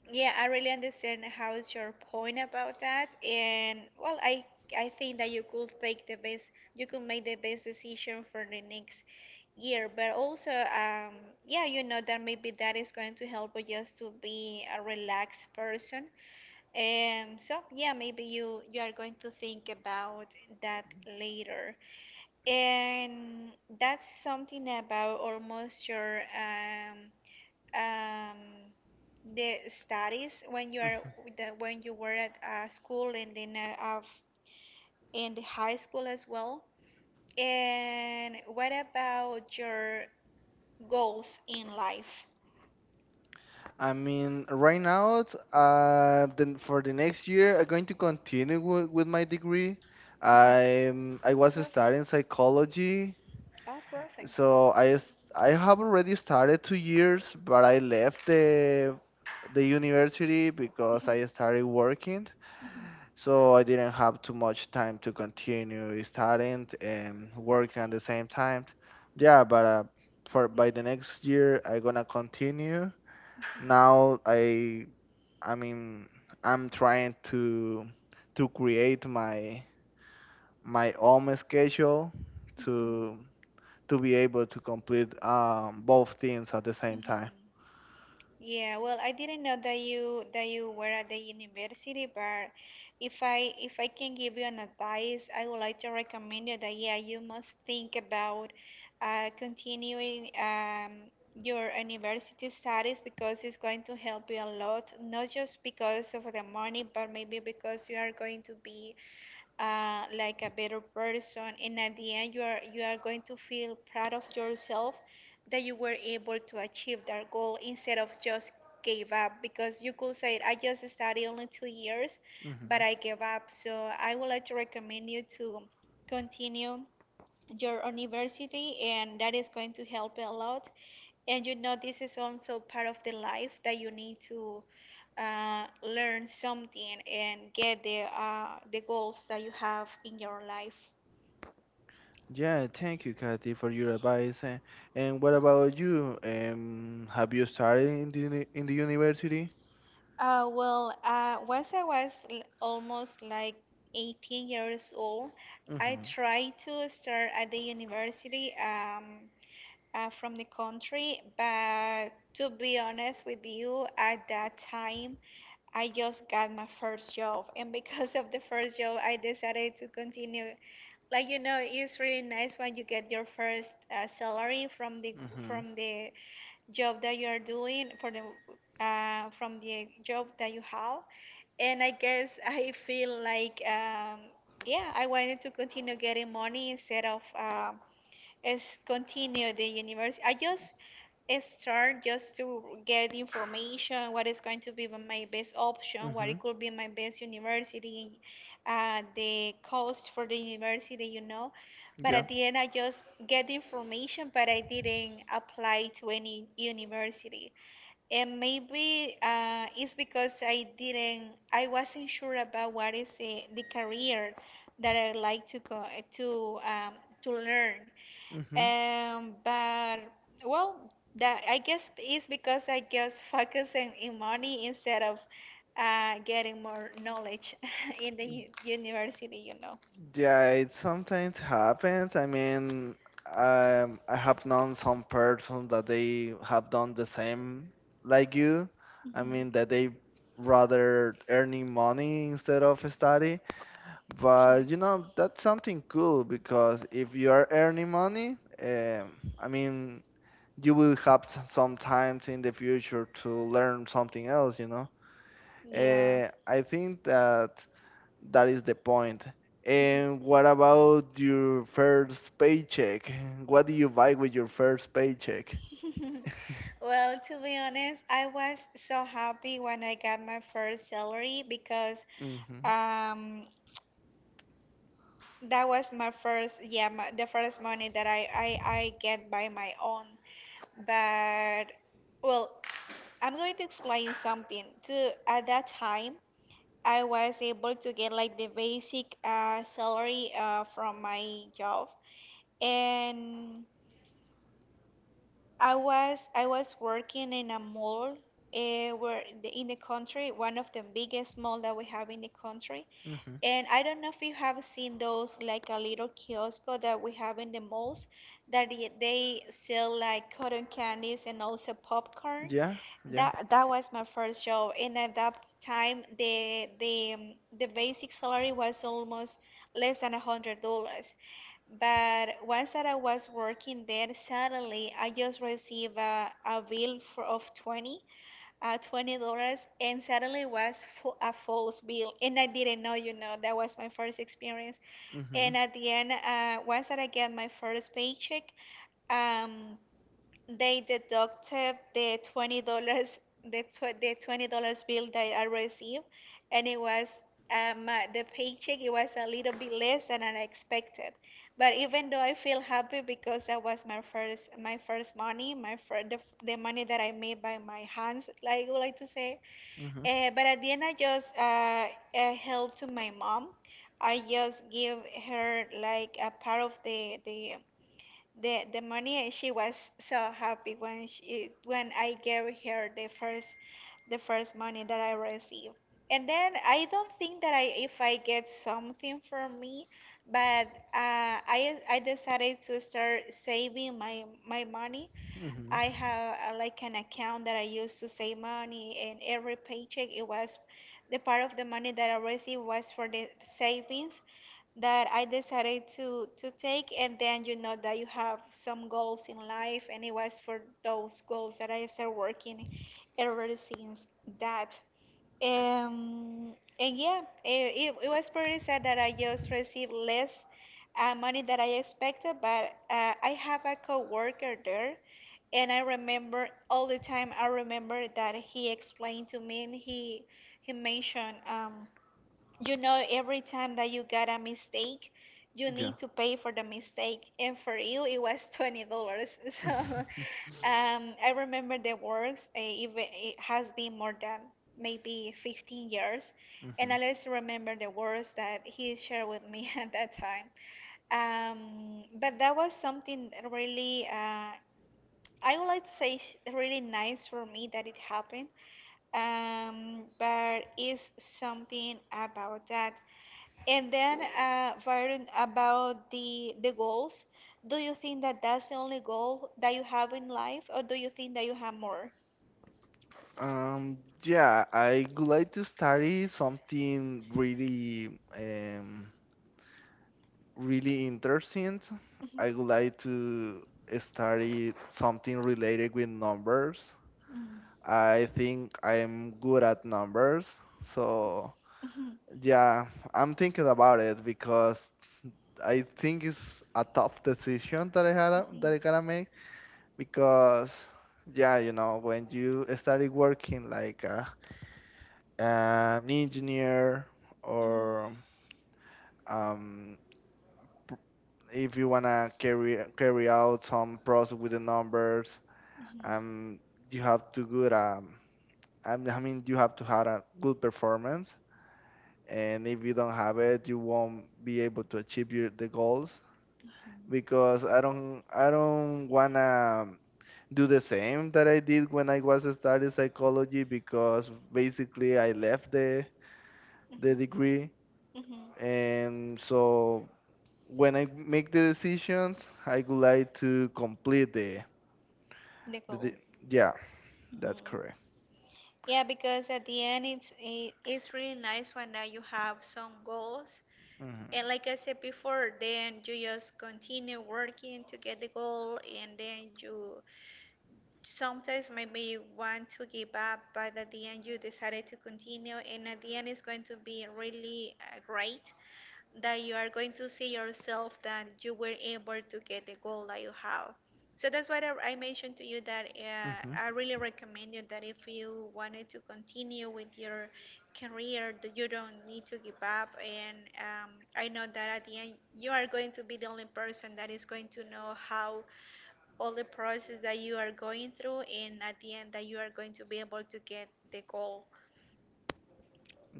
Speaker 1: yeah, I really understand how is your point about that, and well, I I think that you could take the best, you could make the best decision for the next year. But also, um, yeah, you know that maybe that is going to help you just to be a relaxed person. Um, so yeah, maybe you you are going to think about that later, and that's something about almost your um um, the studies when you are the, when you were at uh, school, and then uh, of in the high school as well. And what about your goals in life?
Speaker 2: I mean, right now, it's, uh, then for the next year, I'm going to continue w with my degree. I'm I
Speaker 1: Oh,
Speaker 2: was
Speaker 1: perfect.
Speaker 2: studying psychology,
Speaker 1: Oh, perfect.
Speaker 2: so I s- I have already started two years, but I left the the university because
Speaker 1: Mhm,
Speaker 2: I started working.
Speaker 1: mhm.
Speaker 2: So I didn't have too much time to continue studying and work at the same time. Yeah, but uh, for by the next year I gonna continue. Now I I mean I'm trying to to create my my own schedule to to be able to complete um, both things at the
Speaker 1: Mhm.
Speaker 2: same
Speaker 1: Mhm.
Speaker 2: time.
Speaker 1: Yeah, well, I didn't know that you that you were at the university, but if I if I can give you an advice, I would like to recommend you that yeah, you must think about uh, continuing um, your university studies because it's going to help you a lot, not just because of the money, but maybe because you are going to be uh, like a better person, and at the end you are you are going to feel proud of yourself that you were able to achieve that goal instead of just gave up because you could say I just studied only two years but
Speaker 2: Mhm.
Speaker 1: I gave up. So I would like to recommend you to continue your university, and that is going to help a lot. And you know, this is also part of the life that you need to uh, learn something and get the uh, the goals that you have in your life.
Speaker 2: Yeah, thank you, Kathy, for your advice. eh. And what about you? Um, have you started in the uni- in the university?
Speaker 1: Uh, well, uh, once I was l- almost like eighteen years old, I
Speaker 2: Mhm,
Speaker 1: tried to start at the university, um, uh, from the country, but to be honest with you, at that time, I just got my first job, and because of the first job, I decided to continue. Like you know, it's really nice when you get your first uh, salary from the
Speaker 2: mhm,
Speaker 1: from the job that you are doing, for the uh, from the job that you have. And I guess I feel like um, yeah, I wanted to continue getting money instead of um, as continue the university. I just start just to get information what is going to be my best option, what it
Speaker 2: mhm.
Speaker 1: could be my best university, uh, the cost for the university, you know, but
Speaker 2: Yeah,
Speaker 1: at the end I just get the information, but I didn't apply to any university. And maybe uh, it's because I didn't, I wasn't sure about what is the, the career that I like to go to, um, to learn,
Speaker 2: mhm.
Speaker 1: um, but well, that I guess is because I just focusing in money instead of uh, getting more knowledge in the u- university, you know.
Speaker 2: Yeah, it sometimes happens. I mean, um, I have known some person that they have done the same like you. I mean, that
Speaker 1: Mhm.
Speaker 2: they rather earning money instead of study. But
Speaker 1: Correct.
Speaker 2: you know, that's something cool because if you are earning money, um, I mean, you will have t- some times in the future to learn something else, you know.
Speaker 1: Yeah.
Speaker 2: Uh, I think that that is the point. And what about your first paycheck? What do you buy with your first paycheck?
Speaker 1: Well, to be honest, I was so happy when I got my first salary because
Speaker 2: Mm-hmm.
Speaker 1: Um, that was my first, yeah, my, the first money that I, I, I get by my own. But, well, I'm going to explain something too. At that time, I was able to get like the basic uh, salary uh, from my job, and I was I was working in a mall. Uh, where the, in the country, one of the biggest mall that we have in the country.
Speaker 2: Mm-hmm.
Speaker 1: And I don't know if you have seen those like a little kiosk that we have in the malls, that y- they sell like cotton candies and also popcorn.
Speaker 2: Yeah, yeah.
Speaker 1: That that was my first job, and at that time the the um, the basic salary was almost less than a hundred dollars. But once that I was working there, suddenly I just received a, a bill for, of twenty uh, twenty dollars, and suddenly it was fu- a false bill, and I didn't know. You know, that was my first experience.
Speaker 2: Mm-hmm.
Speaker 1: And at the end, uh, once that I get my first paycheck, um, they deducted the twenty dollars, the tw the twenty dollars bill that I received, and it was um uh, the paycheck. It was a little bit less than I expected, but even though I feel happy because that was my first my first money, my first the, the money that I made by my hands, like I would like to say.
Speaker 2: Mm-hmm.
Speaker 1: Uh, but at the end, I just uh, uh helped to my mom. I just give her like a part of the the the the money. She was so happy when she, when I gave her the first the first money that I received. And then I don't think that I, if I get something from me, but uh, I I decided to start saving my my money.
Speaker 2: Mm-hmm.
Speaker 1: I have uh, like an account that I used to save money, and every paycheck it was the part of the money that I received was for the savings that I decided to to take. And then you know that you have some goals in life, and it was for those goals that I started working ever since that. Um, and yeah, eh, it, it was pretty sad that I just received less uh, money that I expected, but uh, I have a coworker there, and I remember all the time. I remember that he explained to me, and he he mentioned um, you know, every time that you got a mistake, you
Speaker 2: Yeah.
Speaker 1: need to pay for the mistake. And for you, it was twenty dollars. So um, I remember the works, uh, even, it has been more than maybe fifteen years. And
Speaker 2: Mhm.
Speaker 1: I always remember the words that he shared with me at that time. Um, but that was something that really, uh, I would like to say sh- really nice for me that it happened. Um, but it's something about that. And then, uh, Varun, about the the goals, do you think that that's the only goal that you have in life, or do you think that you have more?
Speaker 2: Um, yeah, I would like to study something really, um, really interesting.
Speaker 1: Mhm.
Speaker 2: I would like to study something related with numbers. I think I am good at numbers, so
Speaker 1: Mhm.
Speaker 2: yeah, I'm thinking about it because I think it's a tough decision that I
Speaker 1: Mhm.
Speaker 2: had
Speaker 1: Mhm.
Speaker 2: that I gotta make. Because yeah you know when you started working like a, an engineer or um, p- if you want to carry carry out some process with the numbers
Speaker 1: Mhm.
Speaker 2: um you have to good um I mean I mean, you have to have a good performance and if you don't have it you won't be able to achieve your, the goals
Speaker 1: Mhm.
Speaker 2: because I don't I don't wanna do the same that I did when I was studying psychology because basically I left the the
Speaker 1: Mhm.
Speaker 2: degree
Speaker 1: Mhm. Mhm.
Speaker 2: and so when I make the decisions I would like to complete the,
Speaker 1: The
Speaker 2: the,
Speaker 1: goal.
Speaker 2: de- yeah that's
Speaker 1: Mhm.
Speaker 2: correct
Speaker 1: Yeah, because at the end, it's it, it's really nice when uh, you have some goals.
Speaker 2: hmm
Speaker 1: And like I said before, then you just continue working to get the goal, and then you sometimes maybe you want to give up, but at the end you decided to continue, and at the end it's going to be really uh, great that you are going to see yourself that you were able to get the goal that you have. So that's why I I mentioned to you that uh,
Speaker 2: hmm
Speaker 1: I really recommend you that if you wanted to continue with your career, that you don't need to give up. And um, I know that at the end, you are going to be the only person that is going to know how all the process that you are going through, and at the end, that you are going to be able to get the goal.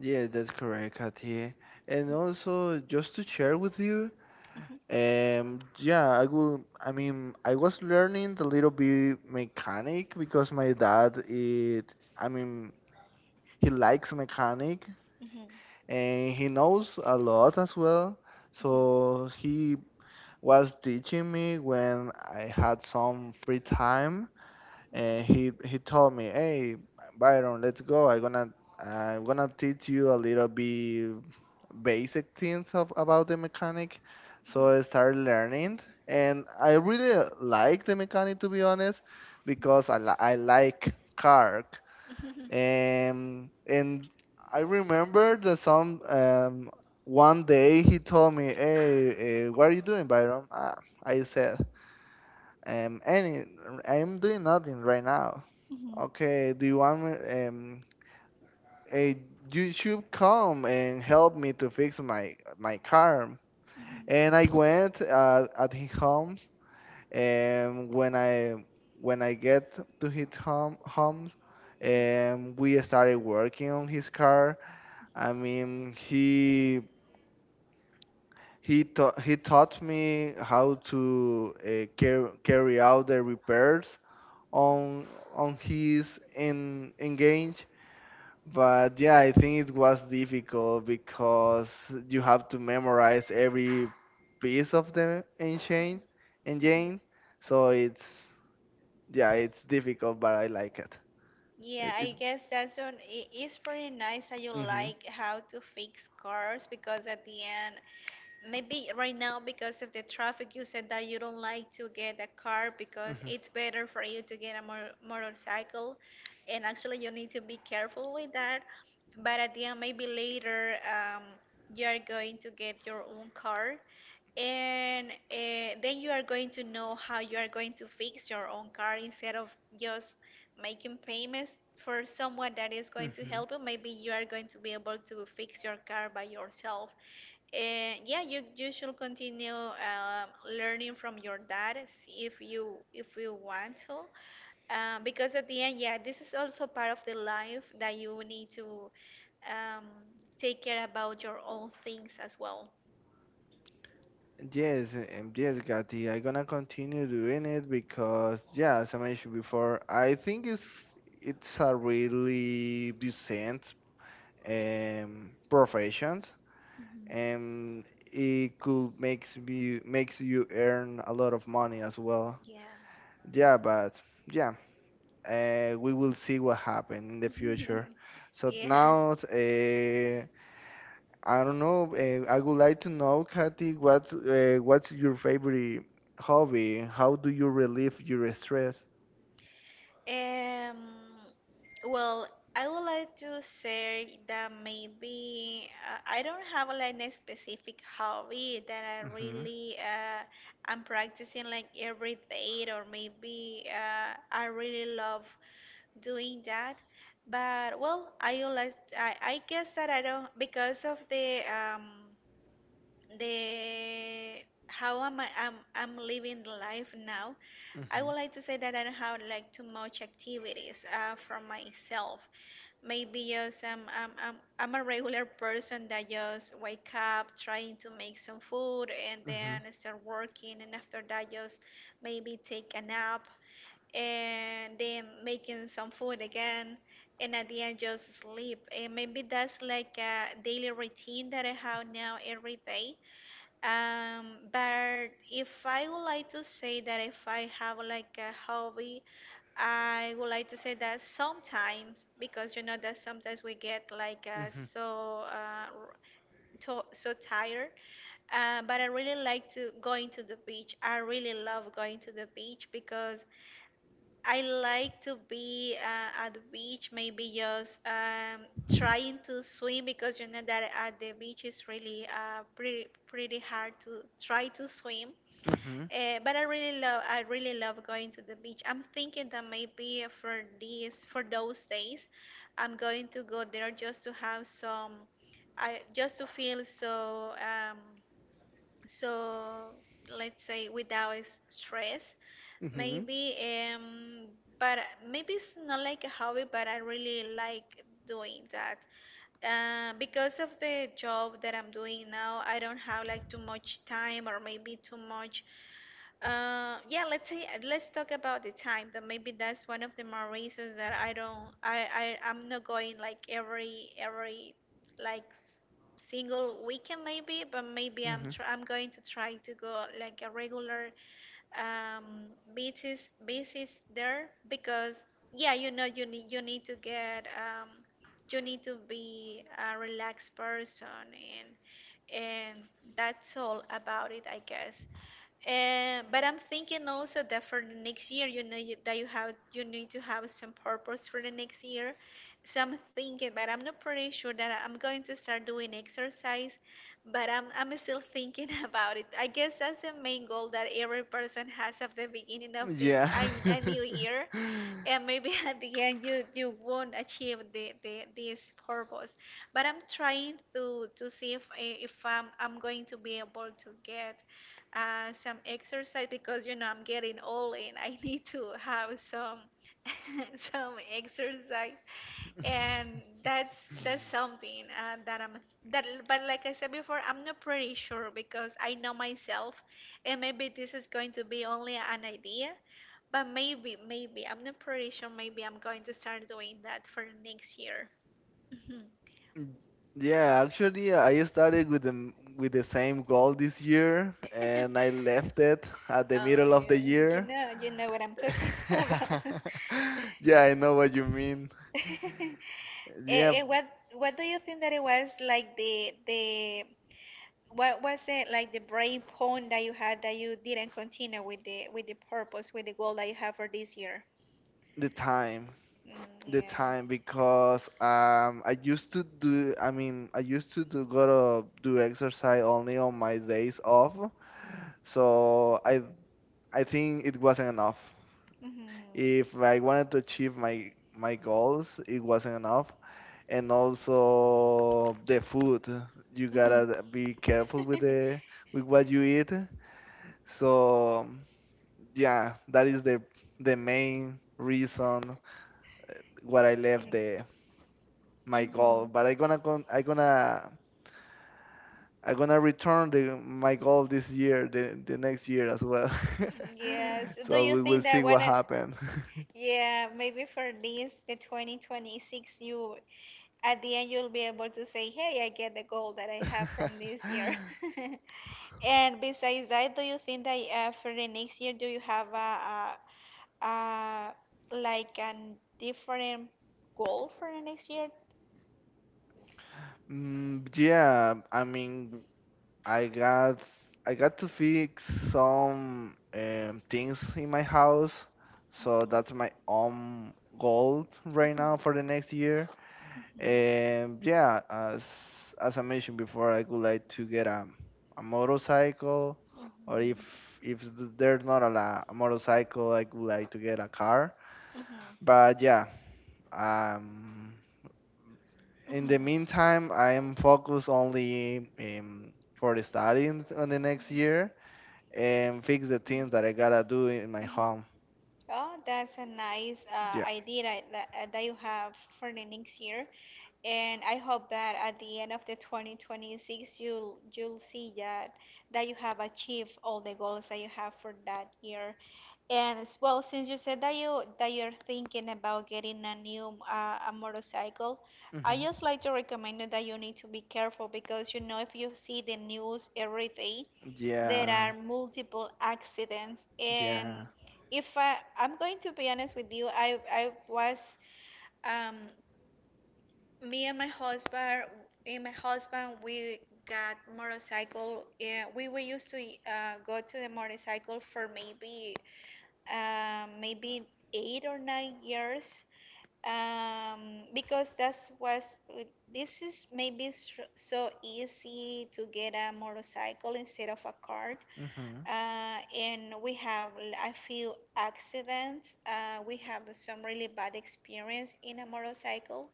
Speaker 2: yeah that's correct Katie and also just to share with you
Speaker 1: Mhm,
Speaker 2: Um, yeah, I will. I mean, I was learning a little bit mechanic because my dad it. I mean, he likes mechanic
Speaker 1: mhm, mhm,
Speaker 2: and he knows a lot as well. So he was teaching me when I had some free time and he he told me, "Hey, Byron, let's go. I'm gonna I'm gonna teach you a little bit basic things of, about the mechanic." So I started learning, and I really like the mechanic to be honest, because I li- I like car,
Speaker 1: mhm,
Speaker 2: and and I remember that some um, one day he told me, "Hey, uh, what are you doing, Byron?" Ah, I said, um, any, I'm doing nothing right now.
Speaker 1: mhm,
Speaker 2: Okay, do you want me? Um, eh, you should come and help me to fix my my car.
Speaker 1: mhm.
Speaker 2: And I went uh, at his home, and when I when I get to his home homes, and we started working on his car. I mean, he he taught he taught me how to uh, carry carry out the repairs on on his in engage. But yeah, I think it was difficult because you have to memorize every piece of the engine, engine. So it's yeah, it's difficult, but I like it.
Speaker 1: Yeah,
Speaker 2: It it
Speaker 1: I guess that's one. It's pretty nice that you
Speaker 2: mhm
Speaker 1: like how to fix cars because at the end, maybe right now, because of the traffic, you said that you don't like to get a car because
Speaker 2: mhm
Speaker 1: it's better for you to get a mor- motorcycle. And actually, you need to be careful with that. But at the end, maybe later, um, you are going to get your own car. And uh, then you are going to know how you are going to fix your own car instead of just making payments for someone that is going to
Speaker 2: mhm.
Speaker 1: help you. Maybe you are going to be able to fix your car by yourself. And yeah, you you should continue um, learning from your dad, s- if you, if you want to, uh, because at the end, yeah, this is also part of the life that you need to um, take care about your own things as well.
Speaker 2: Yes, um, yes, Gati. I'm gonna continue doing it because yeah, as I mentioned before, I think it's it's a really decent um profession
Speaker 1: Mhm.
Speaker 2: and it could makes you makes you earn a lot of money as well. Yeah, but yeah, uh, we will see what happen in the
Speaker 1: Yeah.
Speaker 2: future. So
Speaker 1: Yeah.
Speaker 2: now, uh, I don't know. Uh, I would like to know, Katy, what uh, what's your favorite hobby? How do you relieve your stress?
Speaker 1: Um, well, I would like to say that maybe uh, I don't have like a specific hobby that I
Speaker 2: Mhm.
Speaker 1: really uh, I'm practicing like every day, or maybe uh, I really love doing that. But well, I would like, I, I guess that I don't, because of the um the how am I I'm, I'm living the life now. I
Speaker 2: Mhm.
Speaker 1: would like to say that I don't have like too much activities uh, from myself, maybe just um, I'm, I'm, I'm a regular person that just wake up, trying to make some food, and
Speaker 2: Mhm.
Speaker 1: then start working, and after that just maybe take a nap and then making some food again, and at the end just sleep. And maybe that's like a daily routine that I have now every day. Um, but if I would like to say that if I have like a hobby, I would like to say that sometimes, because you know that sometimes we get like uh,
Speaker 2: Mhm.
Speaker 1: so uh, r- to so tired. Uh, but I really like to going to the beach. I really love going to the beach because I like to be uh, at the beach, maybe just um, trying to swim because you know that at the beach is really uh, pretty pretty hard to try to swim.
Speaker 2: Mhm.
Speaker 1: Uh, but I really love I really love going to the beach. I'm thinking that maybe for these, for those days, I'm going to go there just to have some, I just to feel so um, so let's say without s- stress,
Speaker 2: Mhm.
Speaker 1: maybe um but maybe it's not like a hobby, but I really like doing that. Uh, because of the job that I'm doing now, I don't have like too much time or maybe too much uh, yeah, let's say let's talk about the time. That maybe that's one of the more reasons that I don't, I, I, I'm not going like every, every, like single weekend maybe, but maybe I'm tr I'm going to try to go like a regular um basis basis there. Because yeah, you know you need, you need to get um you need to be a relaxed person, and and that's all about it, I guess. Uh, but I'm thinking also that for the next year, you know, you, that you have, you need to have some purpose for the next year. So I'm thinking, but I'm not pretty sure that I'm going to start doing exercise, but I'm I'm still thinking about it. I guess that's the main goal that every person has at the beginning of
Speaker 2: Mhm.
Speaker 1: the
Speaker 2: Yeah.
Speaker 1: a, a new year, and maybe at the end you you won't achieve the, the this purpose. But I'm trying to to see if eh, if I'm I'm going to be able to get uh, some exercise, because you know I'm getting old and I need to have some some exercise, and that's that's something uh, that I'm that but like I said before, I'm not pretty sure because I know myself, and maybe this is going to be only an idea, but maybe maybe I'm not pretty sure, maybe I'm going to start doing that for next year. Mhm.
Speaker 2: Mm, Yeah, actually, uh, I started with the m- with the same goal this year, and I left it at the
Speaker 1: Oh,
Speaker 2: middle of the
Speaker 1: yeah. you
Speaker 2: year.
Speaker 1: know you know what I'm talking about.
Speaker 2: Yeah, I know what you mean. Yeah,
Speaker 1: Eh, eh, what what do you think that it was like the the what was it like the break point that you had, that you didn't continue with the with the purpose, with the goal that you have for this year?
Speaker 2: the time,
Speaker 1: Mm,
Speaker 2: the
Speaker 1: yeah.
Speaker 2: time, because um, I used to do. I mean, I used to do go to do exercise only on my days off. So I I think it wasn't enough.
Speaker 1: Mhm.
Speaker 2: If I wanted to achieve my my goals, it wasn't enough. And also the food. You
Speaker 1: Mhm.
Speaker 2: gotta be careful with the with what you eat. So yeah, that is the the main reason what I
Speaker 1: Yeah.
Speaker 2: left the my goal.
Speaker 1: Mhm.
Speaker 2: But I gonna con I gonna I gonna return the my goal this year, the the next year as well.
Speaker 1: Yes. Do
Speaker 2: So
Speaker 1: you
Speaker 2: we will
Speaker 1: think that
Speaker 2: see
Speaker 1: when
Speaker 2: what
Speaker 1: I,
Speaker 2: happens.
Speaker 1: yeah, maybe for this the twenty twenty-six you at the end you'll be able to say, "Hey, I get the goal that I have from this year." And besides that, do you think that uh, for the next year, do you have a, a, a like a different goal for the next year?
Speaker 2: Mm, yeah, I mean, I got I got to fix some um, things in my house, so that's
Speaker 1: Mhm.
Speaker 2: my own goal right now for the next year. And yeah, as as I mentioned before, I would like to get a a motorcycle, or if if th- there's not a, la- a motorcycle, I would like to get a car.
Speaker 1: Mhm. Mhm.
Speaker 2: But yeah, um,
Speaker 1: Mhm.
Speaker 2: in
Speaker 1: Mhm.
Speaker 2: the
Speaker 1: Mhm.
Speaker 2: meantime, I am focused only um, for the studying on the next year and fix the things that I gotta do in my
Speaker 1: Mhm.
Speaker 2: home.
Speaker 1: Oh, that's a nice uh,
Speaker 2: Yeah.
Speaker 1: idea, that, that that you have for the next year. And I hope that at the end of the twenty twenty-six you'll you'll see that that you have achieved all the goals that you have for that year. And as well, since you said that you that you're thinking about getting a new uh, a motorcycle, I just
Speaker 2: Hmm.
Speaker 1: like to recommend you that you need to be careful, because you know, if you see the news every day, there are
Speaker 2: Yeah.
Speaker 1: multiple accidents. And
Speaker 2: Yeah.
Speaker 1: if I, I'm going to be honest with you, I I was um, me and my husband, me and my husband, we got motorcycle. Yeah, we were used to uh, go to the motorcycle for maybe um, maybe eight or nine years. Um, because that's was this is maybe s- so easy to get a motorcycle instead of a car.
Speaker 2: Hmm.
Speaker 1: Uh, and we have l- a few accidents. Uh, we have some really bad experience in a motorcycle.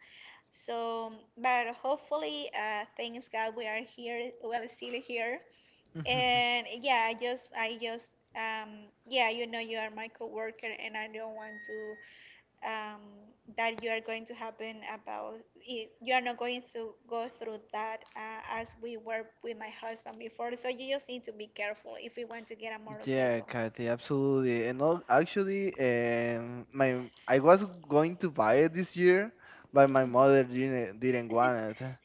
Speaker 1: So, but hopefully, uh, thanks God, we are here. Well, still here. And yeah, I just, I just, um, yeah, you know, you are my coworker, and I don't want to um, that you are going to happen about it. You are not going to go through that uh, as we were with my husband before. So you just need to be careful if we want to get a
Speaker 2: Yeah,
Speaker 1: motorcycle.
Speaker 2: Kathy, absolutely. And al- actually, um, my I was going to buy it this year, but my mother didn't didn't want it,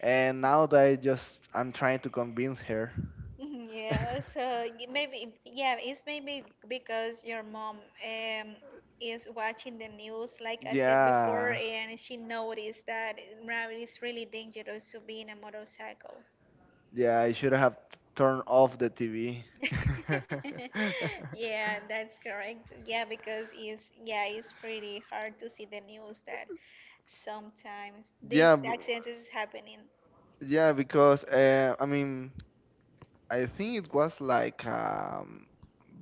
Speaker 2: and now that I just I'm trying to convince her.
Speaker 1: Mhm. Yeah, so y- maybe, yeah, it's maybe because your mom um is watching the news, like I said before,
Speaker 2: Yeah,
Speaker 1: and she noticed that rabbit is really dangerous to be in a motorcycle.
Speaker 2: yeah, I should have turned off the T V.
Speaker 1: Yeah, that's correct. Yeah, because it's yeah, it's pretty hard to see the news that sometimes these
Speaker 2: Yeah, b-
Speaker 1: accidents is happening.
Speaker 2: Yeah, because uh, I mean, I think it was like um,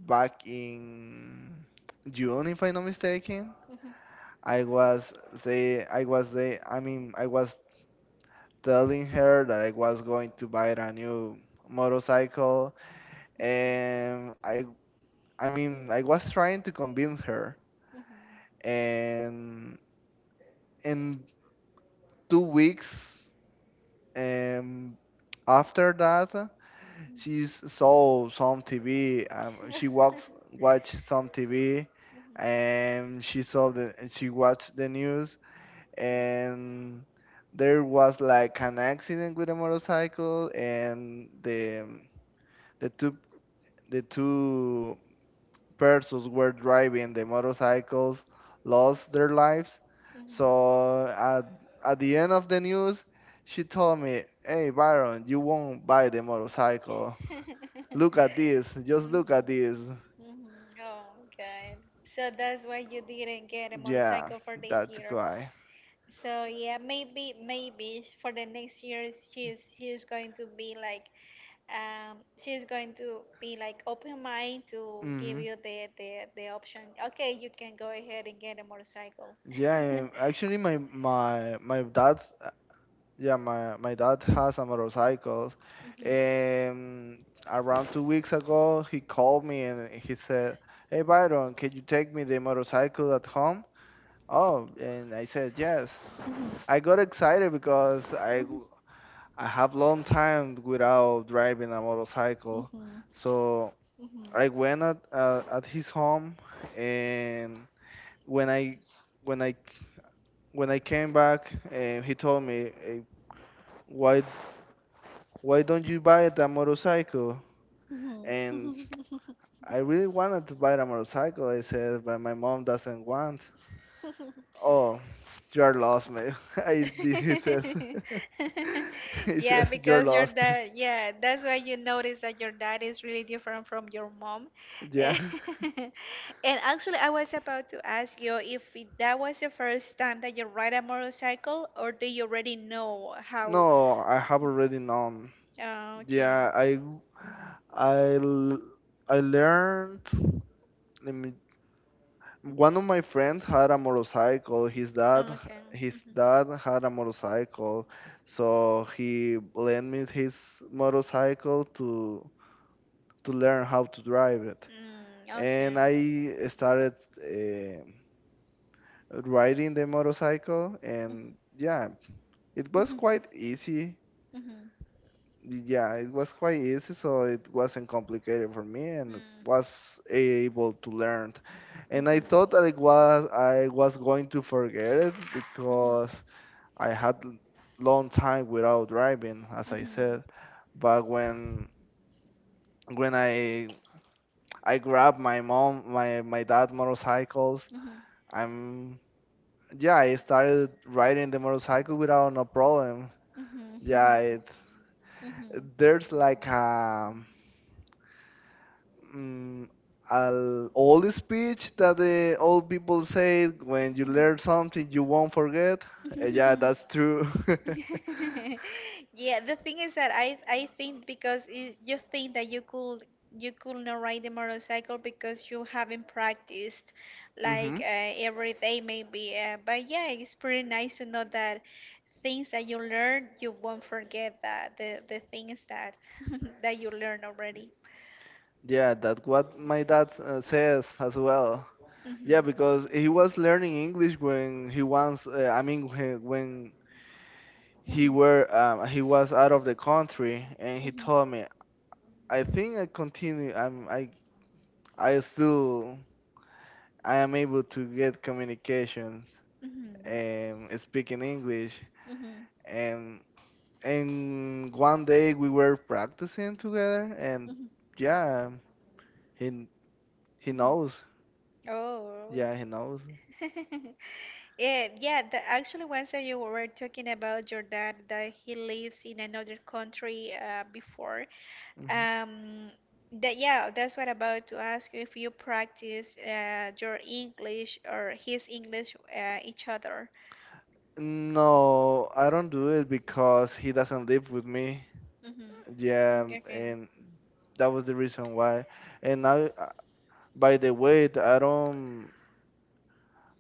Speaker 2: back in June, if I'm not mistaken.
Speaker 1: Mm-hmm.
Speaker 2: I was say I was say I mean, I was telling her that I was going to buy a new motorcycle, and I I mean I was trying to convince her,
Speaker 1: Mhm.
Speaker 2: and in two weeks um, after that, she saw some T V. Um, she walks, watched some T V, and she saw the and she watched the news, and there was like an accident with a motorcycle, and the the two the two persons were driving the motorcycles lost their lives. So at at the end of the news, she told me, "Hey, Byron, you won't buy the motorcycle. Look at this. Just look at this."
Speaker 1: Mhm. Oh, God. So that's why you didn't get a
Speaker 2: Yeah,
Speaker 1: motorcycle for this
Speaker 2: that's
Speaker 1: year.
Speaker 2: why.
Speaker 1: So yeah, maybe maybe for the next year, she's she's going to be like um she's going to be like open mind to give
Speaker 2: Hmm.
Speaker 1: you the the, the option. Okay, you can go ahead and get a motorcycle.
Speaker 2: Yeah, actually, my my my dad. Yeah, my my dad has a motorcycle,
Speaker 1: Mhm.
Speaker 2: and around two weeks ago, he called me and he said, "Hey, Byron, can you take me the motorcycle at home?" Oh, and I said yes. I got excited because I
Speaker 1: Mhm,
Speaker 2: I have long time without driving a motorcycle,
Speaker 1: mhm,
Speaker 2: so
Speaker 1: mhm.
Speaker 2: I went at uh, at his home, and when I when I when I came back, uh, he told me, eh, "Why why don't you buy that motorcycle?"
Speaker 1: Mhm.
Speaker 2: And I really wanted to buy a motorcycle. I said, "But my mom doesn't want." "Oh, you're lost, man." I He says. He
Speaker 1: Yeah,
Speaker 2: says you're
Speaker 1: because your
Speaker 2: lost.
Speaker 1: dad, yeah, that's why you notice that your dad is really different from your mom.
Speaker 2: Yeah.
Speaker 1: And actually, I was about to ask you if it- that was the first time that you ride a motorcycle, or do you already know how?
Speaker 2: No, I have already known.
Speaker 1: Oh, okay.
Speaker 2: Yeah, I I l- I learned. I One of my friends had a motorcycle. His dad,
Speaker 1: Okay.
Speaker 2: his
Speaker 1: Hmm.
Speaker 2: dad had a motorcycle, so he lent me his motorcycle to to learn how to drive it.
Speaker 1: Mm, okay.
Speaker 2: And I started eh, riding the motorcycle, and yeah, it was quite easy. Yeah, it was quite easy, so it wasn't complicated for me and was able to learn. And I thought that it was I was going to forget it
Speaker 1: Mm-hmm.
Speaker 2: because I had l- long time without driving,
Speaker 1: Mm-hmm.
Speaker 2: as
Speaker 1: Mm-hmm.
Speaker 2: I
Speaker 1: Mm-hmm. Mm-hmm.
Speaker 2: said.
Speaker 1: Mm-hmm.
Speaker 2: But when when I I grabbed my mom my my dad motorcycles,
Speaker 1: Mhm,
Speaker 2: I'm yeah, I started riding the motorcycle without no problem.
Speaker 1: mhm, mhm,
Speaker 2: Yeah, it
Speaker 1: mhm,
Speaker 2: there's like a mm, al old speech that the old people say: when you
Speaker 1: mhm.
Speaker 2: learn something you won't forget. Uh, yeah,
Speaker 1: Mhm.
Speaker 2: that's true.
Speaker 1: Yeah, the thing is that I I think because you, you think that you could you could not ride the motorcycle because you haven't practiced
Speaker 2: Hmm.
Speaker 1: like uh, every day maybe. Uh, but yeah, it's pretty nice to know that things that you learn you won't forget, that the the things that that you learn already.
Speaker 2: Yeah, that's what my dad uh, says as well.
Speaker 1: Mhm.
Speaker 2: Yeah, because he was learning English when he once, uh, I mean, when when he
Speaker 1: Mhm.
Speaker 2: were um, he was out of the country, and he
Speaker 1: Mhm.
Speaker 2: told me, I think I continue. I'm I I still I am able to get communication,
Speaker 1: Mhm.
Speaker 2: um, speaking English.
Speaker 1: Mhm.
Speaker 2: And and one day we were practicing together, and
Speaker 1: Mhm.
Speaker 2: yeah, he he
Speaker 1: Mhm.
Speaker 2: knows.
Speaker 1: Oh.
Speaker 2: Yeah, he knows.
Speaker 1: Yeah, yeah. The, actually, once that you were talking about your dad that he lives in another country uh, before.
Speaker 2: Mhm.
Speaker 1: Um, that yeah, that's what I'm about to ask you, if you practice uh, your English or his English uh, each other.
Speaker 2: No, I don't do it because he doesn't live with me.
Speaker 1: Mhm.
Speaker 2: Yeah,
Speaker 1: Okay.
Speaker 2: and that was the reason why. And now, uh, by the way, th- I don't,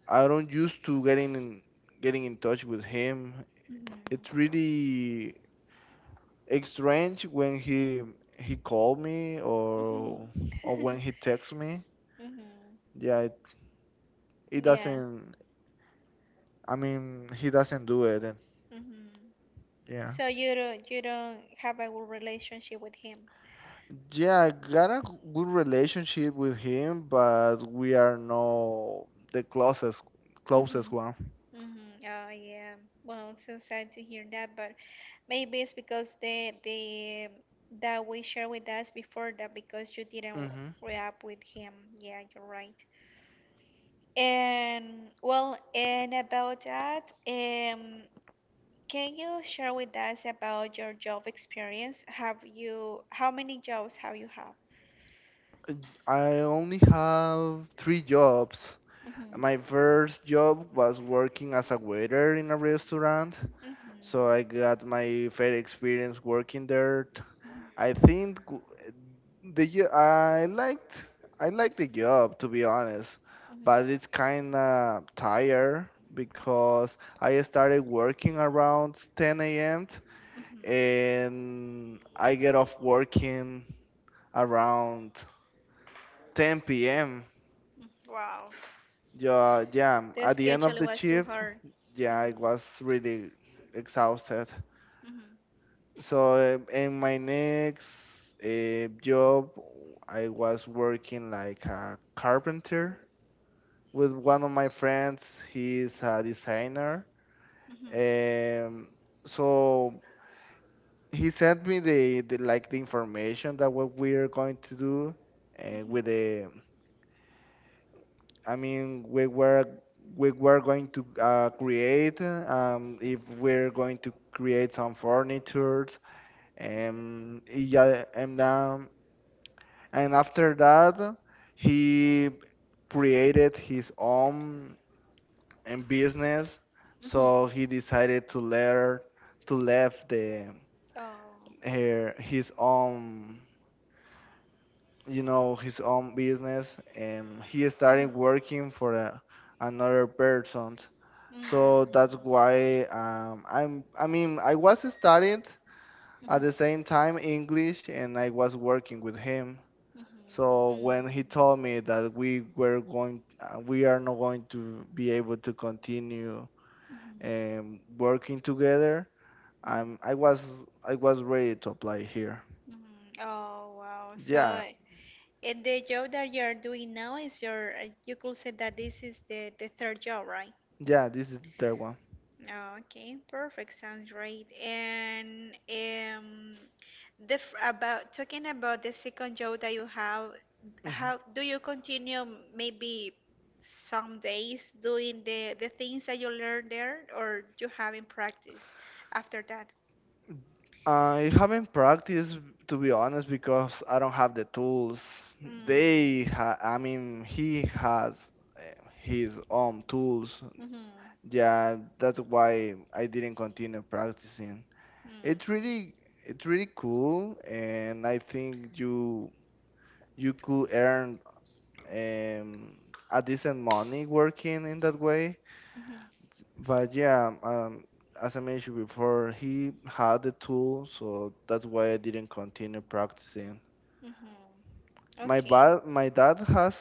Speaker 2: I don't used to getting in, getting in touch with him. It's really It's strange when he he called me
Speaker 1: Mhm.
Speaker 2: or
Speaker 1: Mhm.
Speaker 2: or when he texts me.
Speaker 1: Mhm.
Speaker 2: Yeah, it, it
Speaker 1: Yeah.
Speaker 2: doesn't. I mean, he doesn't do it. And
Speaker 1: Mhm.
Speaker 2: yeah,
Speaker 1: So you don't you don't have a good relationship with him.
Speaker 2: yeah, I got a good relationship with him, but we are not the closest
Speaker 1: Mhm.
Speaker 2: closest
Speaker 1: Mhm.
Speaker 2: one.
Speaker 1: Oh, yeah. Well, it's so sad to hear that, but maybe it's because the the that we shared with us before, that because you didn't
Speaker 2: Hmm.
Speaker 1: react with him. Yeah, you're right. And well, and about that, um, Can you share with us about your job experience? Have you, how many jobs have you had?
Speaker 2: I only have three jobs.
Speaker 1: Hmm.
Speaker 2: My first job was working as a waiter in a restaurant,
Speaker 1: Hmm. Hmm.
Speaker 2: so I got my fair experience working there. I
Speaker 1: Hmm.
Speaker 2: think w- the jo- I liked I like the job to be honest, but it's kind of tired because I started working around ten a m and I get off working around ten p m.
Speaker 1: Wow,
Speaker 2: Yeah, yeah.
Speaker 1: the
Speaker 2: At the end
Speaker 1: schedule
Speaker 2: of the
Speaker 1: was too
Speaker 2: shift,
Speaker 1: hard.
Speaker 2: yeah, I was really exhausted.
Speaker 1: Hmm.
Speaker 2: So um, in my next uh, job, I was working like a carpenter with one of my friends. He's a designer.
Speaker 1: Hmm.
Speaker 2: Um, so he sent me the, the like the information that what we are going to do uh, with the. I mean, we were we were going to uh, create um, if we're going to create some furniture, and yeah, and now and after that he created his own um, business, so he decided to learn to left the
Speaker 1: Oh.
Speaker 2: her, his own you know his own business, and he started working for
Speaker 1: Mm.
Speaker 2: a, another person. So
Speaker 1: Mhm.
Speaker 2: that's why um, i'm I mean, I was studying at the same time English, and I was working with him. So when he told me that we were going, uh, we are not going to be able to continue
Speaker 1: Mm.
Speaker 2: um, working together, I'm, I was, I was ready to apply here.
Speaker 1: Mhm. Oh, wow. So,
Speaker 2: Yeah,
Speaker 1: and the job that you're doing now is your, uh, you could say that this is the, the, third job, right?
Speaker 2: yeah, this is the third one.
Speaker 1: Oh, okay, perfect. Sounds great. And um, the f- about talking about the second job that you have,
Speaker 2: Mhm.
Speaker 1: how do you continue maybe some days doing the the things that you learned there, or you haven't practiced after that?
Speaker 2: I haven't practiced, to be honest, because I don't have the tools. They,
Speaker 1: Mm.
Speaker 2: ha I mean, he has uh, his own tools.
Speaker 1: Mhm.
Speaker 2: Yeah, that's why I didn't continue practicing. It's
Speaker 1: Mhm.
Speaker 2: really it's really cool, and I think you you could earn um, a decent money working in that way.
Speaker 1: Mhm.
Speaker 2: But yeah, um, um, as I mentioned before, he had the tool, so that's why I didn't continue practicing.
Speaker 1: Mhm.
Speaker 2: My
Speaker 1: Okay.
Speaker 2: ba my dad has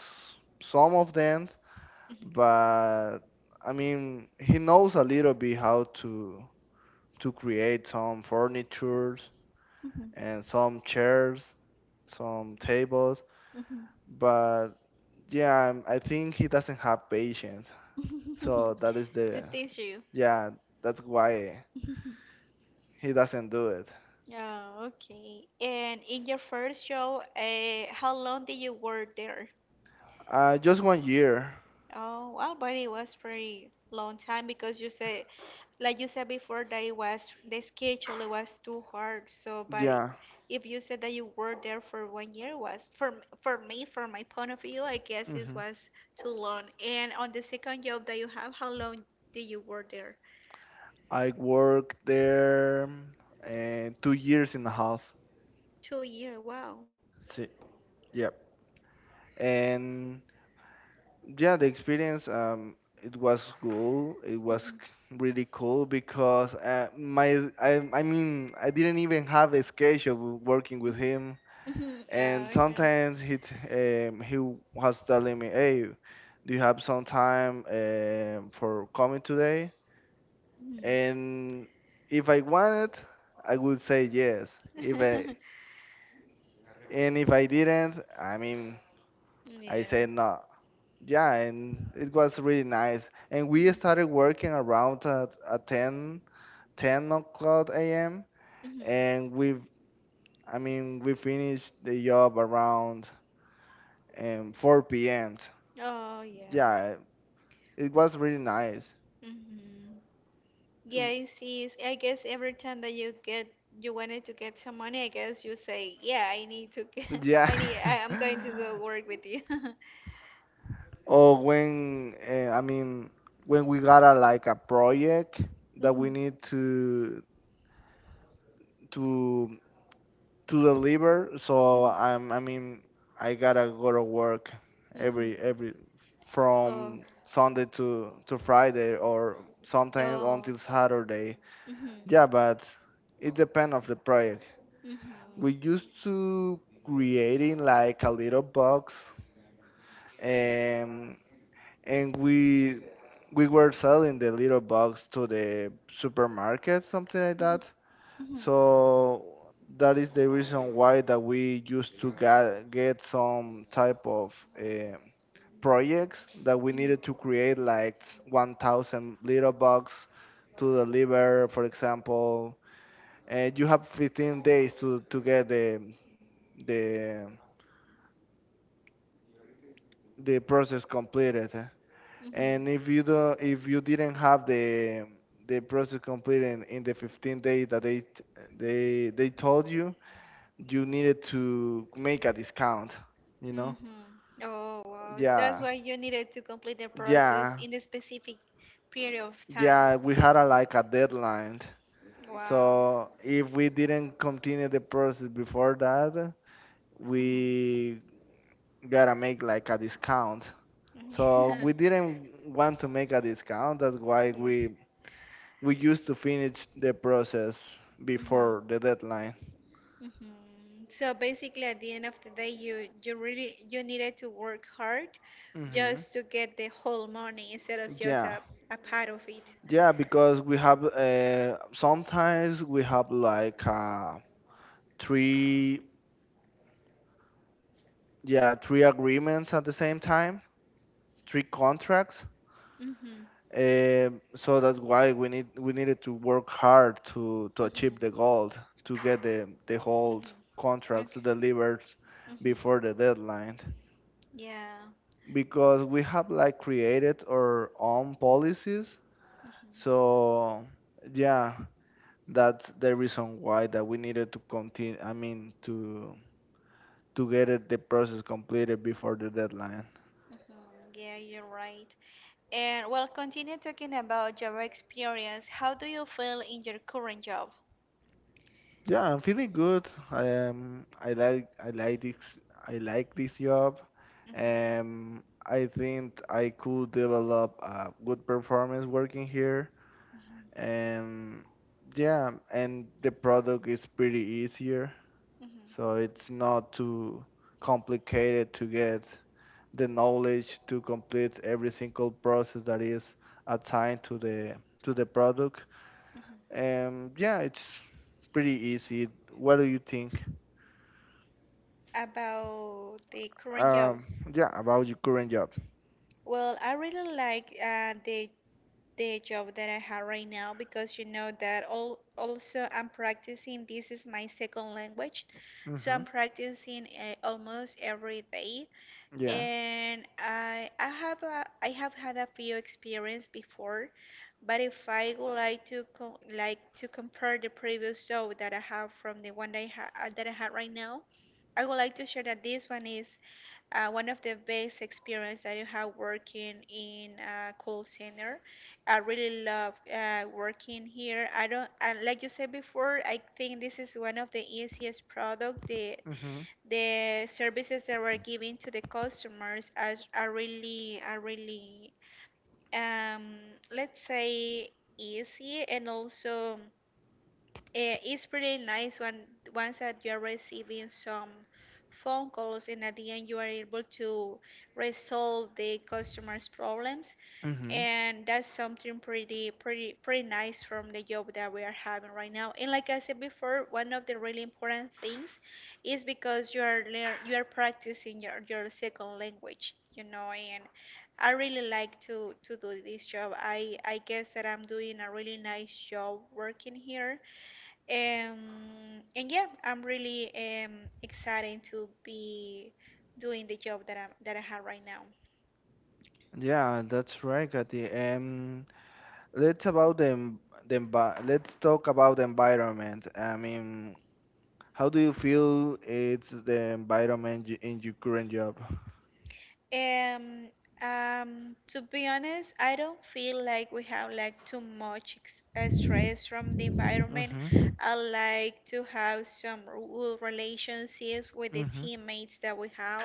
Speaker 2: some of them,
Speaker 1: Mhm.
Speaker 2: but I mean, he knows a little bit how to to create some furnitures and some chairs, some tables.
Speaker 1: Mhm.
Speaker 2: But yeah, um, I think he doesn't have patience.
Speaker 1: Mhm.
Speaker 2: So that is
Speaker 1: To
Speaker 2: the
Speaker 1: teach you.
Speaker 2: yeah, that's why he doesn't do it.
Speaker 1: Oh, okay. And in your first show, uh, how long did you work there?
Speaker 2: Uh, just one year.
Speaker 1: Oh, well, but it was pretty long time, because you said, like you said before, that it was the schedule it was too hard. So, but i-
Speaker 2: Yeah.
Speaker 1: if you said that you were there for one year, it was for m- for me, from my point of view, I guess it
Speaker 2: Hmm.
Speaker 1: was too long. And on the second job that you have, how long did you work there?
Speaker 2: I worked there um, two years and a half.
Speaker 1: Two year. Wow.
Speaker 2: See, yep. And yeah, the experience um it was cool. It was c- really cool because uh, my I I mean, I didn't even have a schedule working with him,
Speaker 1: Mm-hmm.
Speaker 2: and
Speaker 1: Okay.
Speaker 2: sometimes he t- um, he was telling me, "Hey, do you have some time um, for coming today?"
Speaker 1: Mhm.
Speaker 2: And if I wanted, I would say yes. If I and if I didn't, I mean, I
Speaker 1: Yeah.
Speaker 2: said no. Yeah, and it was really nice. And we
Speaker 1: Mhm.
Speaker 2: started working around at, at ten, ten o'clock a m.
Speaker 1: Mhm.
Speaker 2: And we, I mean, we finished the job around um, four p m.
Speaker 1: Oh, yeah.
Speaker 2: Yeah, it was really nice.
Speaker 1: Mm-hmm. Yeah, it's, it's, I guess every time that you get you wanted to get some money, I guess you say, yeah, I need to get,
Speaker 2: Yeah.
Speaker 1: I need, I, I'm going to go work with you.
Speaker 2: Or when uh, I mean when we got a like a project that
Speaker 1: Mhm.
Speaker 2: we need to to to deliver. So I'm I mean, I gotta go to work
Speaker 1: Mhm. Mhm.
Speaker 2: every every
Speaker 1: Oh.
Speaker 2: from Sunday to to Friday, or sometimes
Speaker 1: Oh.
Speaker 2: until Saturday.
Speaker 1: Mhm.
Speaker 2: Yeah, but it depends of the project.
Speaker 1: Mhm.
Speaker 2: We used to creating like a little box, and and we we were selling the little box to the supermarket, something
Speaker 1: Mhm.
Speaker 2: like that.
Speaker 1: Mhm.
Speaker 2: So that is the reason why that we used to get get some type of eh, projects that we needed to create
Speaker 1: Mhm.
Speaker 2: like one thousand little box to deliver, for example. And you have fifteen days to, to get the the the process completed. eh.
Speaker 1: Mhm.
Speaker 2: And if you do, if you didn't have the the process completed in, in the fifteen days that they t- they they told you, you needed to make a discount. You know?
Speaker 1: Mhm. Oh, wow. That's
Speaker 2: Yeah,
Speaker 1: why you needed to complete the process
Speaker 2: yeah,
Speaker 1: in a specific period of time.
Speaker 2: yeah. We had a like a deadline.
Speaker 1: Wow.
Speaker 2: So if we didn't continue the process before that,
Speaker 1: Mhm.
Speaker 2: we gotta make like a discount. So we didn't want to make a discount. That's why we
Speaker 1: Yeah.
Speaker 2: we used to finish the process
Speaker 1: Hmm.
Speaker 2: before the deadline.
Speaker 1: Hmm. So basically, at the end of the day, you you really you needed to work hard
Speaker 2: Hmm.
Speaker 1: just to get the whole money instead of just a,
Speaker 2: Yeah,
Speaker 1: a part of it.
Speaker 2: yeah, because we have uh, sometimes we have like uh, three, yeah, three agreements at the same time, three contracts.
Speaker 1: Mm-hmm.
Speaker 2: Um, so that's why we need we needed to work hard to to achieve the
Speaker 1: Mm-hmm.
Speaker 2: goal to get the the whole
Speaker 1: Mm-hmm.
Speaker 2: contracts
Speaker 1: Okay.
Speaker 2: delivered before the
Speaker 1: Mm-hmm.
Speaker 2: deadline,
Speaker 1: Yeah.
Speaker 2: because we have like created our own policies.
Speaker 1: Mm-hmm.
Speaker 2: So yeah, that's the reason why that we needed to continue. I mean, to to get it, the process completed before the deadline.
Speaker 1: Mm-hmm. Yeah, you're right. And well, continue talking about your experience. How do you feel in your current job?
Speaker 2: Yeah, I'm feeling good. I am. I like. I like this. I like this job.
Speaker 1: Mhm.
Speaker 2: Um, I think I could develop a good performance working here.
Speaker 1: Mhm.
Speaker 2: Um, yeah, and the product is pretty easier, so it's not too complicated to get the knowledge to complete every single process that is assigned to the to the product.
Speaker 1: Mhm.
Speaker 2: And yeah, it's pretty easy. What do you think?
Speaker 1: About the current job.
Speaker 2: Um, yeah, about your current job.
Speaker 1: Well, I really like uh, the the job that I have right now, because you know that all also I'm practicing. This is my second language, so
Speaker 2: Mm-hmm.
Speaker 1: I'm practicing uh, almost every day.
Speaker 2: Yeah.
Speaker 1: and I I have a, I have had a few experience before, but if I would like to co like to compare the previous job that I have from the one that I ha uh, that I had right now, I would like to share that this one is uh, one of the best experience that I have working in a call center. I really love uh, working here. I don't, and like you said before, I think this is one of the easiest product the
Speaker 2: Mm-hmm.
Speaker 1: the services that were given to the customers are, are really are really um, let's say, easy, and also eh, it's pretty nice when once that you're receiving some phone calls and at the end you are able to resolve the customer's problems.
Speaker 2: Mm-hmm.
Speaker 1: And that's something pretty pretty pretty nice from the job that we are having right now. And like i said before, one of the really important things is because you are lear- you are practicing your, your second language, you know. And i really like to to do this job. I i guess that i'm doing a really nice job working here. Um, and yeah, i'm really um excited to be doing the job that i'm that i have right now.
Speaker 2: Yeah, that's right, Katy. Um, let's about the en- the envi- let's talk about the environment. I mean, how do you feel it's the environment y- in your current job?
Speaker 1: Um, um, to be honest, I don't feel like we have like too much ex uh, stress from the environment.
Speaker 2: Mm-hmm.
Speaker 1: I like to have some good relationships with the
Speaker 2: Mm-hmm.
Speaker 1: teammates that we have.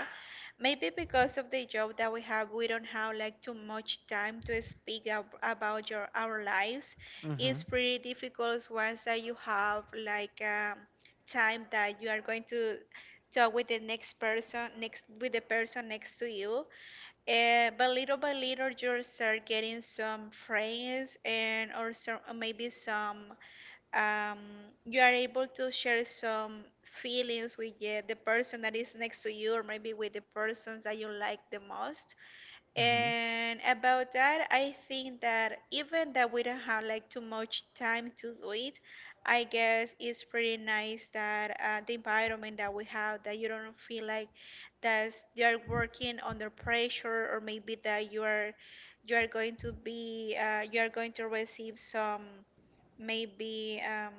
Speaker 1: Maybe because of the job that we have, we don't have like too much time to speak ab about your our lives. It's pretty difficult once that you have like um, time that you are going to talk with the next person, next with the person next to you. Uh, but little by little, you start getting some friends, and or some or maybe some um, you are able to share some feelings with uh, the person that is next to you, or maybe with the persons that you like the most.
Speaker 2: Mm-hmm.
Speaker 1: And about that, I think that even that we don't have like too much time to do it, I guess it's pretty nice that uh, the environment that we have, that you don't feel like that you are working under pressure, or maybe that you are you are going to be uh, you are going to receive some maybe um,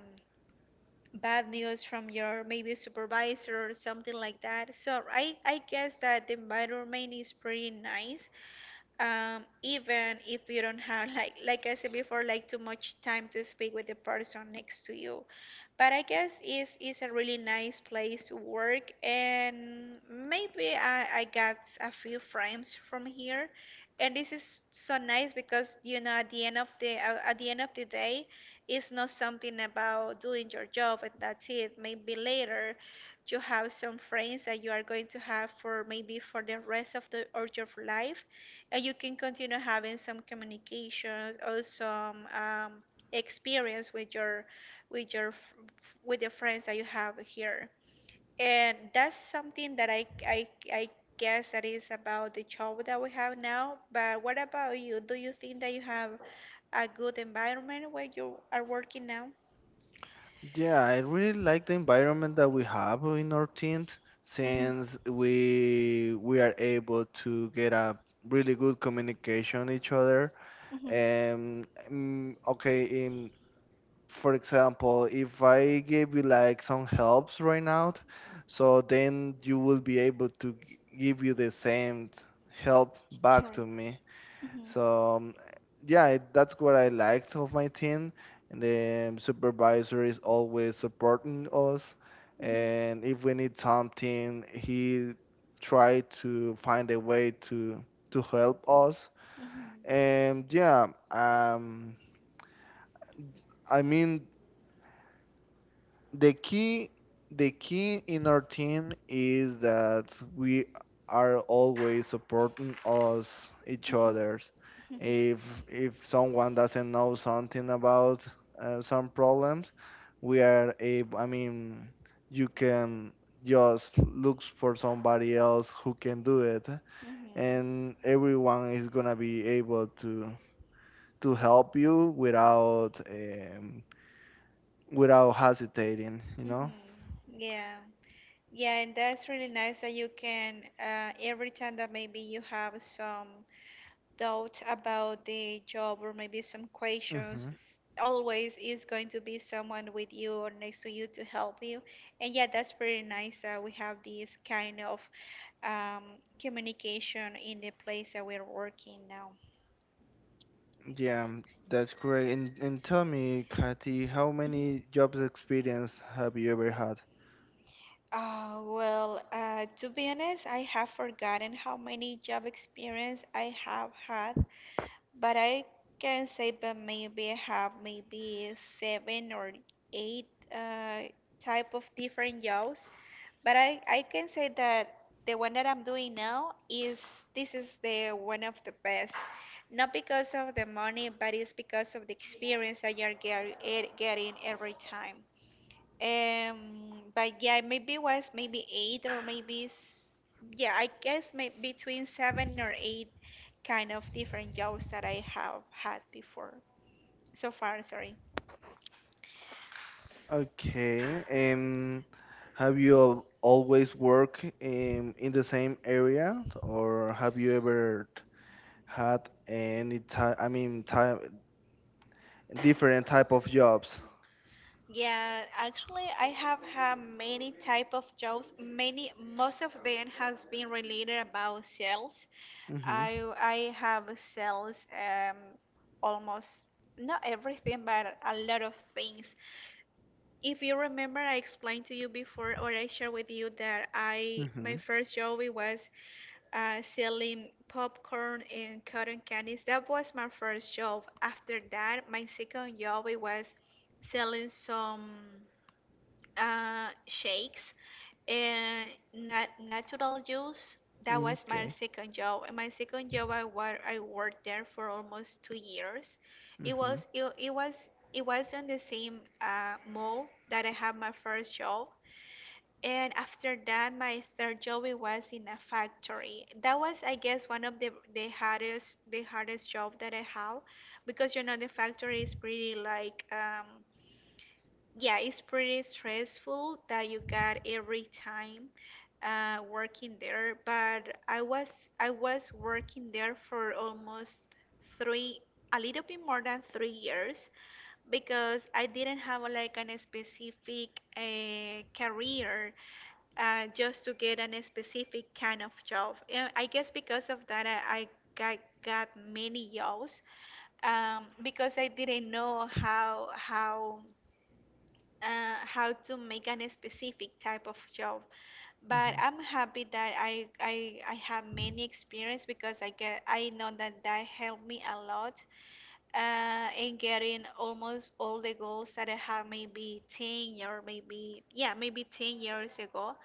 Speaker 1: bad news from your maybe supervisor or something like that. So I I guess that the environment is pretty nice, um, even if you don't have like like I said before, like too much time to speak with the person next to you, but I guess it's, it's a really nice place to work, and maybe I, I got a few friends from here, and this is so nice because you know at the end of the uh, at the end of the day it's not something about doing your job and that's it. Maybe later you have some friends that you are going to have for maybe for the rest of the of your life. Uh, you can continue having some communications or some um, experience with your, with your f- with the friends that you have here, and that's something that I, I i guess that is about the job that we have now. But what about you? Do you think that you have a good environment where you are working now?
Speaker 2: Yeah, I really like the environment that we have in our teams,
Speaker 1: Hmm.
Speaker 2: since we we are able to get a really good communication each other.
Speaker 1: Hmm.
Speaker 2: Um, mm, okay, in for example, if I gave you like some helps right now, so then you will be able to g- give you the same help back to
Speaker 1: Correct.
Speaker 2: me.
Speaker 1: Mm-hmm.
Speaker 2: So um, yeah, it- that's what I liked of my team. And the um, supervisor is always supporting us.
Speaker 1: Mm-hmm. Mm-hmm.
Speaker 2: And if we need something, he tried to find a way to to help us.
Speaker 1: Mm-hmm. Mm-hmm. Mm-hmm.
Speaker 2: And yeah, um, I mean the key the key in our team is that we are always supporting us each others if if someone doesn't know something about uh, some problems, we are able, I mean, you can just look for somebody else who can do it, and everyone is gonna be able to to help you without um, without hesitating you
Speaker 1: Mm-hmm.
Speaker 2: know
Speaker 1: Yeah. Yeah, and that's really nice that you can, uh, every time that maybe you have some doubt about the job or maybe some
Speaker 2: hmm
Speaker 1: questions, s- always is going to be someone with you or next to you to help you. And yeah, that's pretty nice that we have this kind of um, communication in the place that we're working now.
Speaker 2: Yeah, that's correct. And, and tell me, Kathy, how many jobs
Speaker 1: Mhm.
Speaker 2: experience have you ever had?
Speaker 1: Uh, well, uh, to be honest, I have forgotten how many job experience I have had, but I can say that maybe I have maybe seven or eight uh, type of different jobs. But I, I can say that the one that I'm doing now is this is the one of the best. Not because of the money, but it's because of the experience that you're get, eh, getting every time. Um, but yeah, maybe it was maybe eight or maybe s- yeah, I guess maybe between seven or eight kind of different jobs that I have had before so far. Sorry.
Speaker 2: Okay. Um, have you al- always worked in, in the same area, or have you ever had any type, I mean, type, different type of jobs?
Speaker 1: Yeah, actually, I have had many type of jobs. Many, most of them has been related about sales.
Speaker 2: Mm-hmm.
Speaker 1: I I have sales um almost not everything, but a lot of things. If you remember, I explained to you before, or I shared with you that I my
Speaker 2: Mm-hmm.
Speaker 1: first job it was uh, selling popcorn and cotton candies. That was my first job. After that, my second job it was selling some uh, shakes and nat natural juice. That was my
Speaker 2: Okay.
Speaker 1: second job. And my second job, I, wor- I worked there for almost two years. It
Speaker 2: Mm-hmm.
Speaker 1: was it, it was it was on the same uh, mall that I had my first job. And after that, my third job it was in a factory. That was, I guess, one of the the hardest the hardest job that I have, because you know the factory is pretty like um, yeah, it's pretty stressful that you got every time uh, working there. But I was I was working there for almost three, a little bit more than three years, because I didn't have like an specific uh, career. Uh, just to get an specific kind of job. And I guess because of that, I, I got, got many jobs, um, because I didn't know how how uh, how to make a specific type of job. But I'm happy that I, I, I have many experience because I get I know that that helped me a lot uh, in getting almost all the goals that I had maybe ten or maybe yeah maybe ten years ago.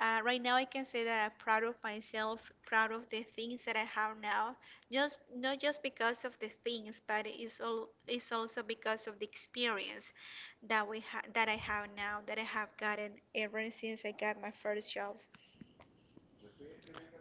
Speaker 1: Uh, right now, I can say that I'm proud of myself, proud of the things that I have now. Just not just because of the things, but it's all it's also because of the experience that we ha- that I have now, that I have gotten ever since I got my first job.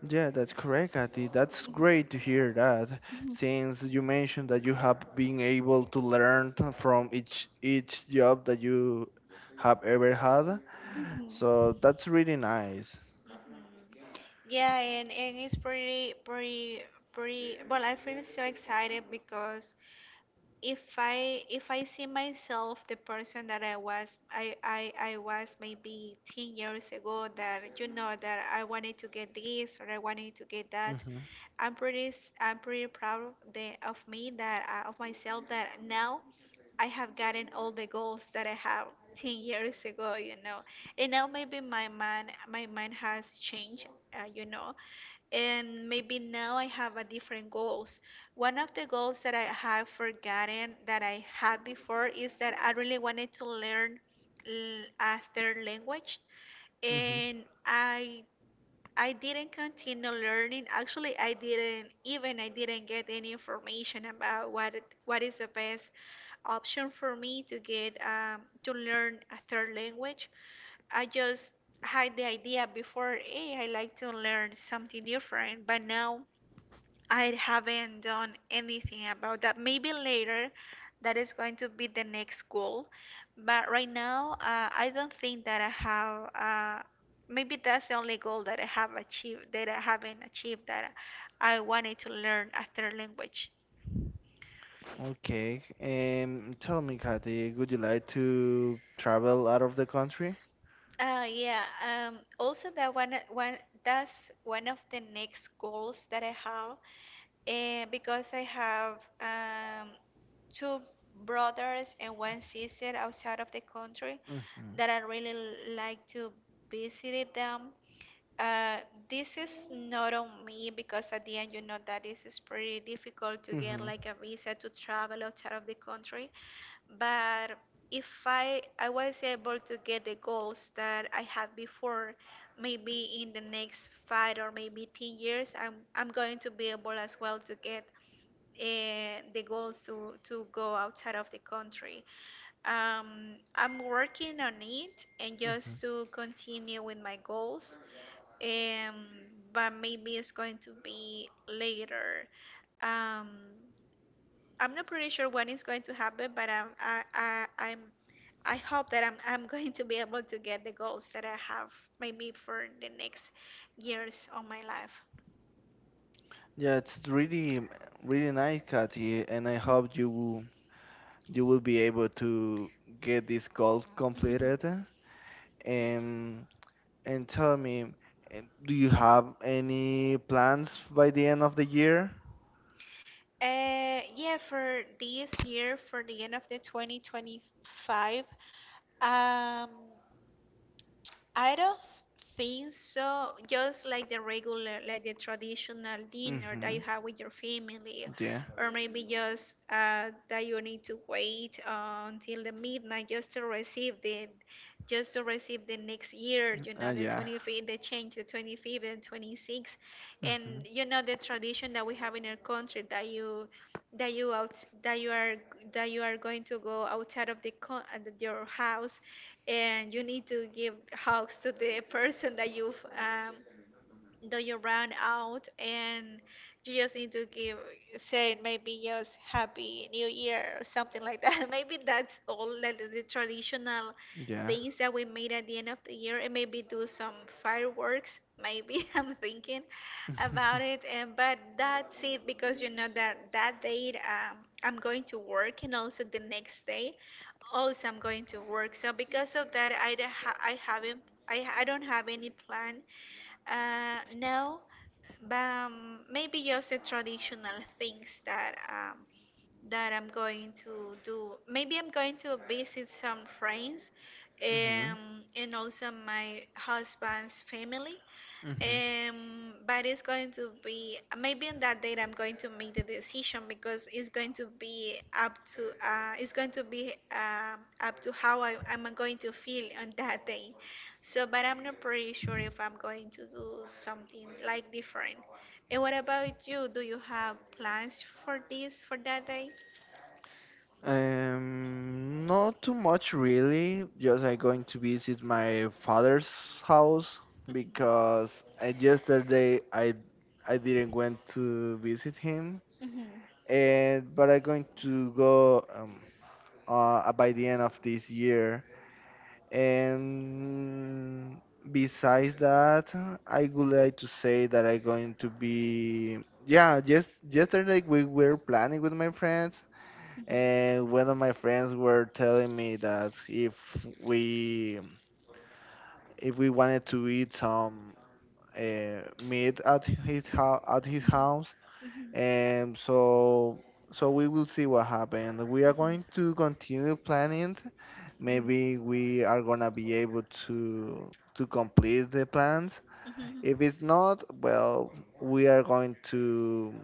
Speaker 2: Yeah, that's correct, Kathy. That's great to hear that,
Speaker 1: Mhm.
Speaker 2: since you mentioned that you have been able to learn t- from each each job that you have ever had.
Speaker 1: Mhm.
Speaker 2: So that's really nice.
Speaker 1: Yeah, and, and it's pretty, pretty, pretty. Well, I feel so excited because if I if I see myself the person that I was I, I I was maybe ten years ago, that you know that I wanted to get this or I wanted to get that.
Speaker 2: Hmm
Speaker 1: I'm pretty s- I'm pretty proud of the, of me that uh, of myself that now I have gotten all the goals that I have ten years ago, you know, and now maybe my mind my mind has changed. Uh, you know, and maybe now I have a different goals. One of the goals that I have forgotten that I had before is that I really wanted to learn l- a third language,
Speaker 2: hmm
Speaker 1: and I I didn't continue learning. Actually, I didn't even I didn't get any information about what it- what is the best option for me to get um, to learn a third language. I just had the idea before, hey, I like to learn something different, but now I haven't done anything about that. Maybe later, that is going to be the next goal. But right now, uh, I don't think that I have. Uh, maybe that's the only goal that I have achieved, that I haven't achieved, that I wanted to learn a third language.
Speaker 2: Okay. Um, tell me, Kathy, would you like to travel out of the country?
Speaker 1: Uh, yeah. Um, also, that one, one that's one of the next goals that I have, uh, because I have um, two brothers and one sister outside of the country
Speaker 2: Hmm
Speaker 1: that I really l- like to visit them. uh, this is not on me because at the end, you know that is is pretty difficult to get
Speaker 2: hmm
Speaker 1: like a visa to travel outside of the country. But if I I was able to get the goals that I had before, maybe in the next five or maybe ten years, I'm I'm going to be able as well to get uh, the goals to to go outside of the country. Um, I'm working on it and
Speaker 2: hmm
Speaker 1: just to continue with my goals, um, but maybe it's going to be later. Um, I'm not pretty sure when it's going to happen, but I'm, I, I, I'm, I hope that I'm, I'm going to be able to get the goals that I have, maybe for the next years of my life.
Speaker 2: Yeah, it's really, really nice, Kathy, and I hope you will- you will be able to get this goal
Speaker 1: Mhm.
Speaker 2: completed.
Speaker 1: Yeah.
Speaker 2: Um, and tell me, um, do you have any plans by the end of the year?
Speaker 1: Uh, yeah, for this year, for the end of the twenty twenty-five, um, I don't think so. Just like the regular, like the traditional dinner
Speaker 2: Mm-hmm.
Speaker 1: that you have with your family,
Speaker 2: Yeah.
Speaker 1: or maybe just uh, that you need to wait uh, until the midnight just to receive the, just to receive the next year. You
Speaker 2: Uh,
Speaker 1: know, the
Speaker 2: yeah.
Speaker 1: twenty-fifth, they change the twenty-fifth and twenty-sixth, and
Speaker 2: Mm-hmm.
Speaker 1: you know the tradition that we have in our country that you, that you out, that you are, that you are going to go outside of the co- uh, your house, and you need to give hugs to the person that you've um, though you run out, and you just need to give say maybe just happy new year or something like that. Maybe that's all like the traditional
Speaker 2: Yeah.
Speaker 1: things that we made at the end of the year, and maybe do some fireworks maybe. I'm thinking about it, and but that's it because you know that that date, um, I'm going to work, and also the next day also I'm going to work. So because of that i, don't ha- I haven't I, I don't have any plan. Uh, no, but um, maybe just the traditional things that um, that I'm going to do. Maybe I'm going to visit some friends,
Speaker 2: Mm-hmm.
Speaker 1: um, and also my husband's family.
Speaker 2: Mm-hmm.
Speaker 1: Um, but it's going to be maybe on that date I'm going to make the decision because it's going to be up to uh, it's going to be um, up to how I, I'm going to feel on that day. So, but I'm not pretty sure if I'm going to do something like different. And what about you? Do you have plans for this for that day?
Speaker 2: Um, not too much really. Just I going to visit my father's house
Speaker 1: Mhm.
Speaker 2: because uh, yesterday I I didn't went to visit him,
Speaker 1: Mhm.
Speaker 2: and but I going to go um uh by the end of this year. And besides that, I would like to say that I'm going to be, yeah, just yesterday we were planning with my friends, and one of my friends were telling me that if we if we wanted to eat some uh, meat at his house at his house.
Speaker 1: Mhm. Mhm. Mhm.
Speaker 2: And so so we will see what happens. We are
Speaker 1: Mhm.
Speaker 2: going to continue planning.
Speaker 1: Mhm.
Speaker 2: Maybe we are gonna be able to to complete the plans.
Speaker 1: Mhm.
Speaker 2: If it's not, well, we are going to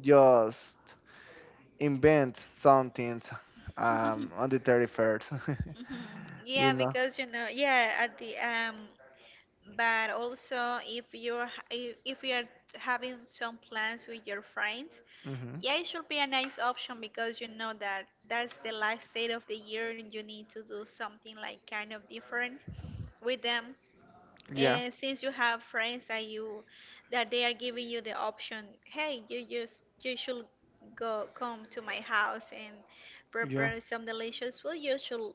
Speaker 2: just invent something um, on the thirty-first.
Speaker 1: Mhm.
Speaker 2: you
Speaker 1: Yeah,
Speaker 2: know?
Speaker 1: because you know, yeah, at the um, but also if you're h- if if you're having some plans with your friends,
Speaker 2: hmm
Speaker 1: yeah, it should be a nice option because you know that that's the last day of the year and you need to do something like kind of different with them.
Speaker 2: Yeah,
Speaker 1: And since you have friends that you that they are giving you the option, hey, you just you should go come to my house and
Speaker 2: yeah.
Speaker 1: prepare some delicious food. You should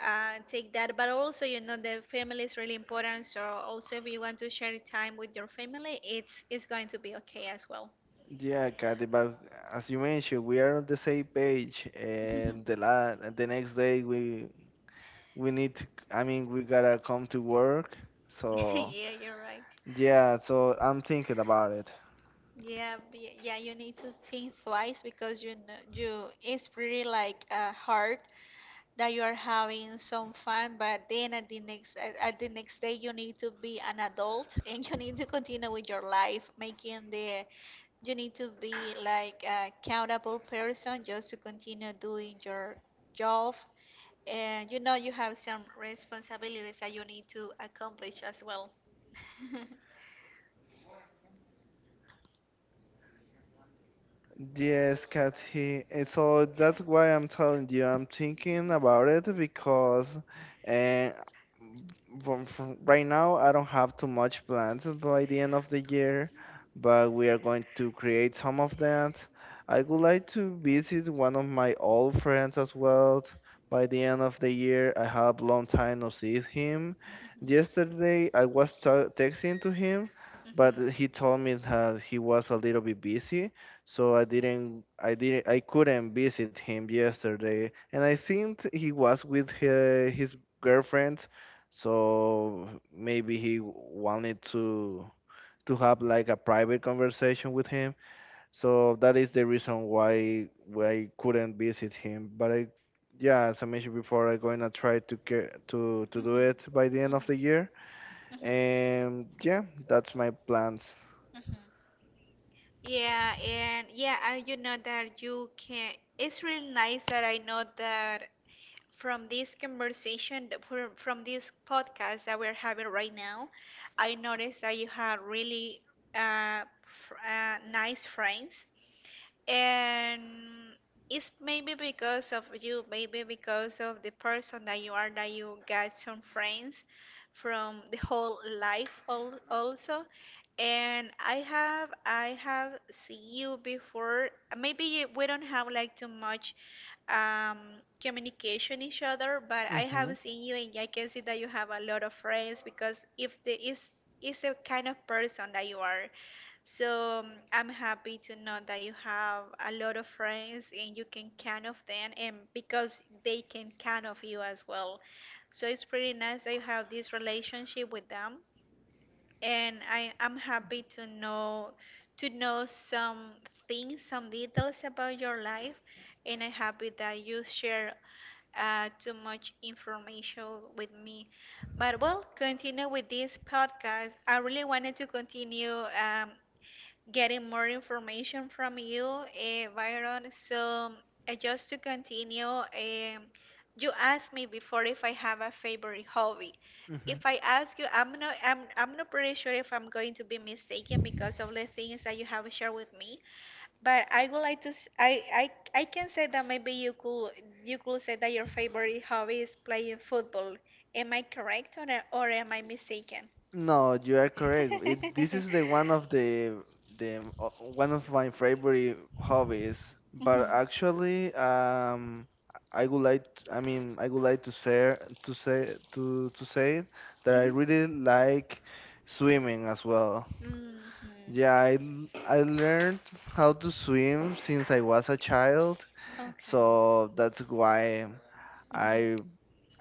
Speaker 1: uh, take that. But also, you know, the family is really important. So also, if you want to share time with your family, it's it's going to be okay as well.
Speaker 2: Yeah, Kathy, but as you mentioned, we are on the same page, and the la the next day we we need to, I mean, we gotta come to work. So,
Speaker 1: Yeah, you're right.
Speaker 2: yeah, so I'm thinking about it.
Speaker 1: Yeah, b- yeah, you need to think twice because you know you it's pretty like uh, hard that you are having some fun, but then at the next at, at the next day you need to be an adult and you need to continue with your life, making the you need to be like a accountable person just to continue doing your job, and you know you have some responsibilities that you need to accomplish as well.
Speaker 2: Yes, Kathy. Eh, So that's why I'm telling you, I'm thinking about it because uh, from, from right now I don't have too much plans by the end of the year, but we are going to create some of that. I would like to visit one of my old friends as well by the end of the year. I have long time no see him.
Speaker 1: Mhm.
Speaker 2: Yesterday
Speaker 1: Mhm.
Speaker 2: I was ta- texting to him, but he told me that he was a little bit busy, so I didn't I didn't I couldn't visit him yesterday. And I think he was with his, his girlfriend, so maybe he wanted to to have like a private conversation with him. So that is the reason why why I couldn't visit him. But I, yeah, as I mentioned before, I'm gonna try to get to to
Speaker 1: Mhm.
Speaker 2: do
Speaker 1: Mhm.
Speaker 2: it by the end of the
Speaker 1: Mhm.
Speaker 2: year. And yeah, that's my plans.
Speaker 1: Mhm. Yeah, and yeah, I you know that you can. It's really nice that I know that from this conversation, that we from this podcast that we're having right now, I noticed that you have really uh, fr- uh, nice friends. And it's maybe because of you, maybe because of the person that you are, that you got some friends from the whole life al- also. And I have I have seen you before. Maybe you- we don't have like too much um, communication each other. But I
Speaker 2: Mm-hmm.
Speaker 1: have seen you, and I can see that you have a lot of friends because if the is is the kind of person that you are. So um, I'm happy to know that you have a lot of friends and you can count of them, and because they can count of you as well. So it's pretty nice that you have this relationship with them and I am happy to know to know some things, some details about your life, and I'm happy that you share uh, too much information with me. But well, continue with this podcast. I really wanted to continue. Um, getting more information from you, uh, Byron. So, uh, just to continue, um, you asked me before if I have a favorite hobby.
Speaker 2: Mm-hmm.
Speaker 1: If I ask you, I'm not, I'm, I'm not pretty sure if I'm going to be mistaken because of the things that you have shared with me. But I would like to, s- I, I, I can say that maybe you could, you could say that your favorite hobby is playing football. Am I correct, or or am I mistaken?
Speaker 2: No, you are correct. It, this is the one of the the uh, one of my favorite hobbies. But
Speaker 1: Mhm.
Speaker 2: actually, um, I would like. I mean, I would like to say to say to to say that I
Speaker 1: Mhm.
Speaker 2: really like swimming as well.
Speaker 1: Mhm.
Speaker 2: Yeah, I l- I learned how to swim since I was a child.
Speaker 1: Okay.
Speaker 2: So that's why
Speaker 1: Mhm.
Speaker 2: I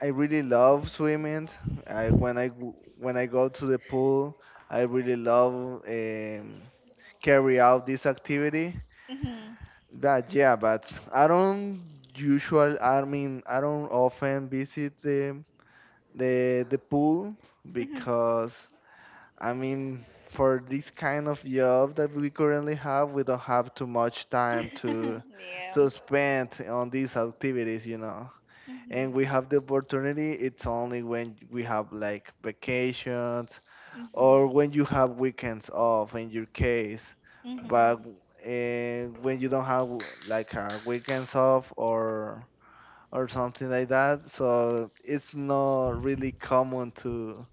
Speaker 2: I really love swimming. I when I go- when I go to the pool, I really love um, carry out this activity. But yeah, but I don't usual. I mean, I don't often visit the the the pool,
Speaker 1: Mhm. Mhm.
Speaker 2: because I mean, for this kind of job that we currently have, we don't have too much time to
Speaker 1: Yeah.
Speaker 2: to spend on these activities, you know.
Speaker 1: Mhm.
Speaker 2: And we
Speaker 1: Mhm.
Speaker 2: have the opportunity, it's only when we have like vacations, or when you have weekends off, in your case.
Speaker 1: Mhm.
Speaker 2: But and when you don't have like a weekends off, or or something like that, so it's not really common to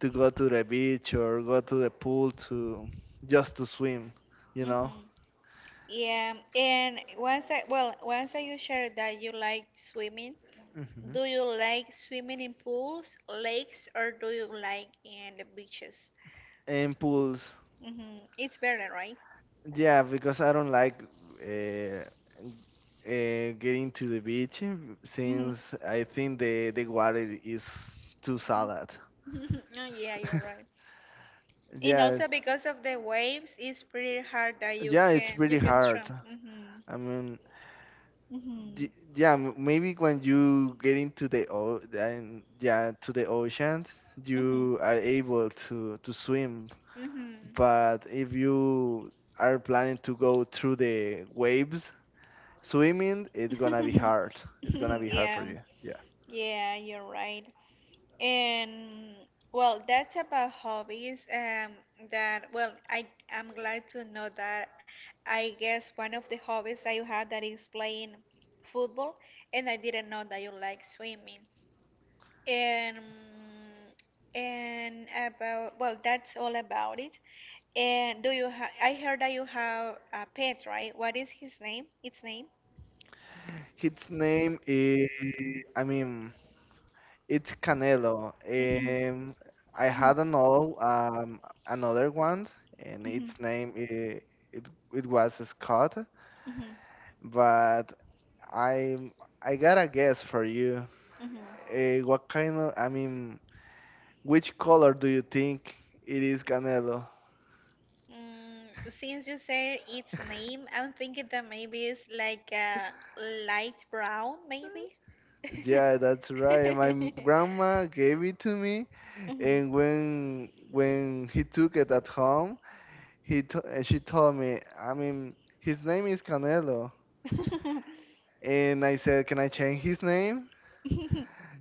Speaker 2: to go to the beach or go to the pool to just to swim, you know,
Speaker 1: Mhm. Yeah, and once I well, once I you shared that you like swimming.
Speaker 2: hmm
Speaker 1: Do you like swimming in pools, lakes, or do you like in the beaches?
Speaker 2: in pools.
Speaker 1: Hmm. It's better, right?
Speaker 2: Yeah, because I don't like uh, uh, getting to the beach
Speaker 1: Hmm.
Speaker 2: since I think the the water is too salad.
Speaker 1: Oh, yeah, you're right. And
Speaker 2: Yeah,
Speaker 1: also because of the waves, it's pretty hard that you
Speaker 2: yeah, it's
Speaker 1: can you
Speaker 2: really
Speaker 1: can
Speaker 2: hard.
Speaker 1: jump. Hmm.
Speaker 2: I mean,
Speaker 1: Hmm.
Speaker 2: d- yeah, m- maybe when you get into the o and yeah, to the ocean,
Speaker 1: Hmm.
Speaker 2: you are able to to swim. But if you are planning to go through the waves, swimming, it's gonna be
Speaker 1: Hmm.
Speaker 2: hard. It's gonna be hard for
Speaker 1: Yeah,
Speaker 2: you. Yeah.
Speaker 1: yeah, you're right. And well, that's about hobbies. Um, that well, I I'm glad to know that. I guess one of the hobbies that you have that is playing football, and I didn't know that you like swimming. And and about well, that's all about it. And do you ha I heard that you have a pet, right? What is his name? Its name?
Speaker 2: His name is, I mean, it's Canelo.
Speaker 1: Hmm.
Speaker 2: Um, I
Speaker 1: Hmm.
Speaker 2: had an old, um, another one, and
Speaker 1: Hmm.
Speaker 2: its name it, it it was Scott.
Speaker 1: Hmm.
Speaker 2: But I I got a guess for you.
Speaker 1: Hmm.
Speaker 2: Uh, what kind of, I mean, which color do you think it is Canelo?
Speaker 1: Mm, since you said its name, I'm thinking that maybe it's like a light brown, maybe.
Speaker 2: Yeah, that's right. My m- grandma gave it to me,
Speaker 1: Mhm.
Speaker 2: and when when he took it at home. He t- uh, she told me, I mean, his name is Canelo, and I said, can I change his name?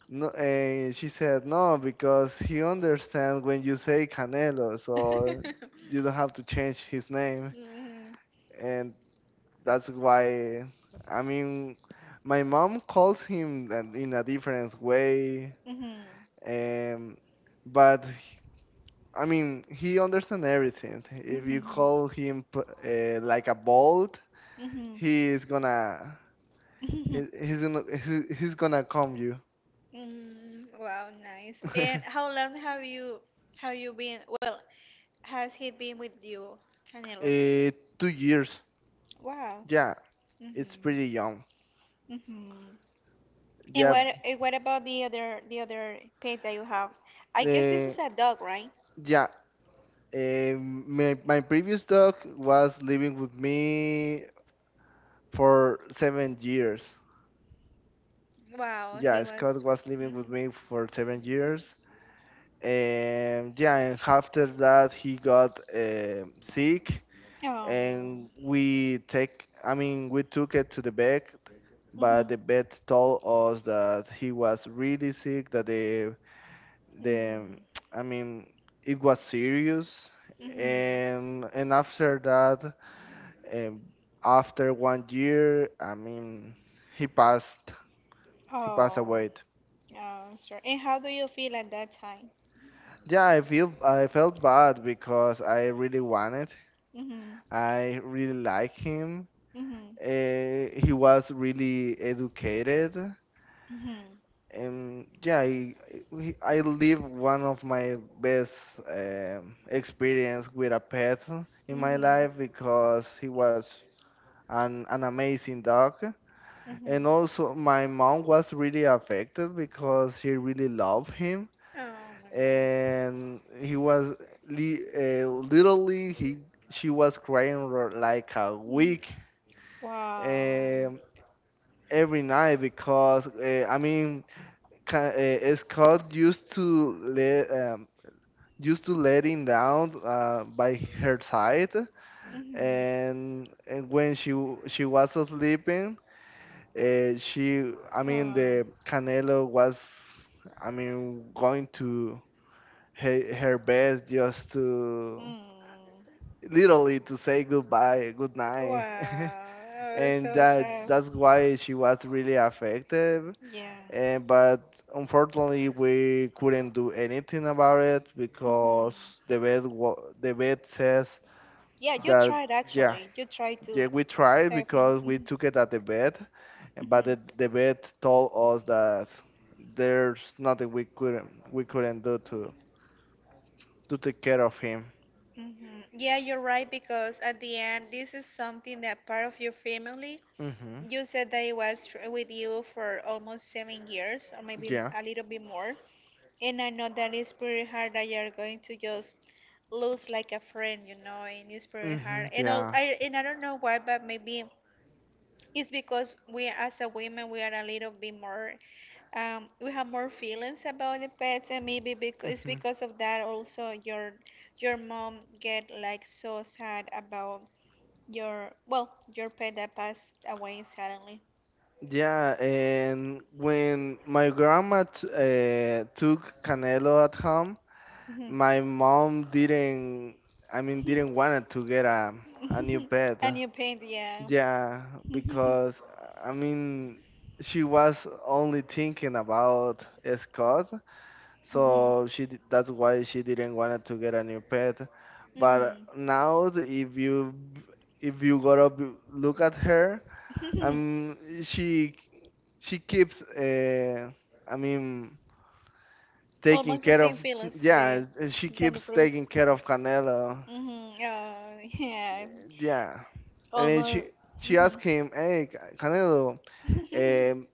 Speaker 2: No, and she said no, because he understands when you say Canelo, so you don't have to change his name, and that's why. I mean, my mom calls him that in a different way,
Speaker 1: Mhm.
Speaker 2: um, but h- I mean he understands everything. If you
Speaker 1: Mhm.
Speaker 2: call him p- uh, like a bolt,
Speaker 1: Mhm. Mhm.
Speaker 2: he is gonna. He, he's gonna he, he's gonna calm you.
Speaker 1: Mm, wow, nice.
Speaker 2: uh,
Speaker 1: And how long have you have you been? Well, has he been with you, Canelo?
Speaker 2: two years.
Speaker 1: Wow.
Speaker 2: Yeah,
Speaker 1: Mm-hmm.
Speaker 2: it's pretty young.
Speaker 1: Mm-hmm. And
Speaker 2: Yeah,
Speaker 1: what and what about the other the other pet that you have? I guess this
Speaker 2: uh,
Speaker 1: is a dog, right?
Speaker 2: yeah. Uh, my my previous dog was living with me for seven years.
Speaker 1: Wow,
Speaker 2: Yeah,
Speaker 1: he
Speaker 2: Scott
Speaker 1: was.
Speaker 2: was living
Speaker 1: Mm-hmm.
Speaker 2: with me for seven years. And yeah, and after that he got um sick,
Speaker 1: Oh my God.
Speaker 2: and we take, I mean, we took it to the vet,
Speaker 1: Mm-hmm.
Speaker 2: but the vet told us that he was really sick, that the the
Speaker 1: Mm-hmm.
Speaker 2: I mean it was serious. And and after that
Speaker 1: Mm-hmm.
Speaker 2: um, after one year, I mean, he passed, he passed
Speaker 1: Oh.
Speaker 2: away.
Speaker 1: Yeah, sure. And how do you feel at that time?
Speaker 2: Yeah, i feel I felt bad because I really wanted,
Speaker 1: Mhm.
Speaker 2: I really like him.
Speaker 1: Mhm.
Speaker 2: Uh, he was really educated.
Speaker 1: Mhm.
Speaker 2: Um, yeah, I, I I live one of my best um, experience with a pet in my
Speaker 1: Mhm.
Speaker 2: life, because he was an, an amazing dog.
Speaker 1: Mhm.
Speaker 2: And also my mom was really affected because she really loved him.
Speaker 1: Oh my God.
Speaker 2: And he was li uh, literally he she was crying for like a
Speaker 1: Mm.
Speaker 2: week
Speaker 1: Wow.
Speaker 2: um, every night, because uh, I mean ca- eh, is Scott used to let um, used to letting down uh, by her side.
Speaker 1: Mhm.
Speaker 2: and and when she w- she was sleeping, uh, she, I mean,
Speaker 1: Oh.
Speaker 2: the Canelo was, I mean, going to her, her bed, just to
Speaker 1: Mm.
Speaker 2: literally to say goodbye, good
Speaker 1: Wow.
Speaker 2: night.
Speaker 1: Oh, it's
Speaker 2: And
Speaker 1: so
Speaker 2: that
Speaker 1: sad.
Speaker 2: that's why she was really affected.
Speaker 1: Yeah.
Speaker 2: And but unfortunately, we couldn't do anything about it, because
Speaker 1: Hmm.
Speaker 2: the vet wa- the vet says
Speaker 1: Yeah, you
Speaker 2: that
Speaker 1: tried
Speaker 2: yeah,
Speaker 1: actually. You tried to
Speaker 2: yeah, we tried,
Speaker 1: save him.
Speaker 2: because we
Speaker 1: Hmm.
Speaker 2: took it at the vet, and- but
Speaker 1: Hmm.
Speaker 2: the, the vet told us that there's nothing we couldn't we couldn't do to to take care of him.
Speaker 1: Hmm. Yeah, you're right because at the end, this is something that part of your family.
Speaker 2: Hmm
Speaker 1: You said that it was f- with you for almost seven years, or maybe
Speaker 2: Yeah.
Speaker 1: a little bit more. And I know that it's pretty hard that you're going to just lose like a friend, you know, and it's pretty
Speaker 2: hmm
Speaker 1: hard. And all,
Speaker 2: Yeah.
Speaker 1: I and I don't know why, but maybe. It's because we, as a women, we are a little bit more, um, we have more feelings about the pets, and maybe because it's
Speaker 2: hmm
Speaker 1: because of that also your your mom get like so sad about your well your pet that passed away suddenly.
Speaker 2: Yeah, and when my grandma t- uh, took Canelo at home,
Speaker 1: Mhm.
Speaker 2: my mom didn't, I mean, didn't want to get a, a new pet.
Speaker 1: And you paint, yeah.
Speaker 2: Yeah, because, I mean, she was only thinking about Scott,
Speaker 1: Mhm.
Speaker 2: so she d- that's why she didn't want to get a new pet. But
Speaker 1: Mhm.
Speaker 2: now, the- if you b- if
Speaker 1: Mhm.
Speaker 2: you gotta b- look at her, um, she she keeps, uh, I mean, taking
Speaker 1: Almost the
Speaker 2: care of,
Speaker 1: same feelings
Speaker 2: yeah,
Speaker 1: the
Speaker 2: and she
Speaker 1: than the
Speaker 2: keeps
Speaker 1: bruise.
Speaker 2: taking care of Canelo.
Speaker 1: Hmm. Oh, yeah,
Speaker 2: Yeah, and she
Speaker 1: almost.
Speaker 2: she asked him, hey Ca- canelo,
Speaker 1: Hmm.
Speaker 2: um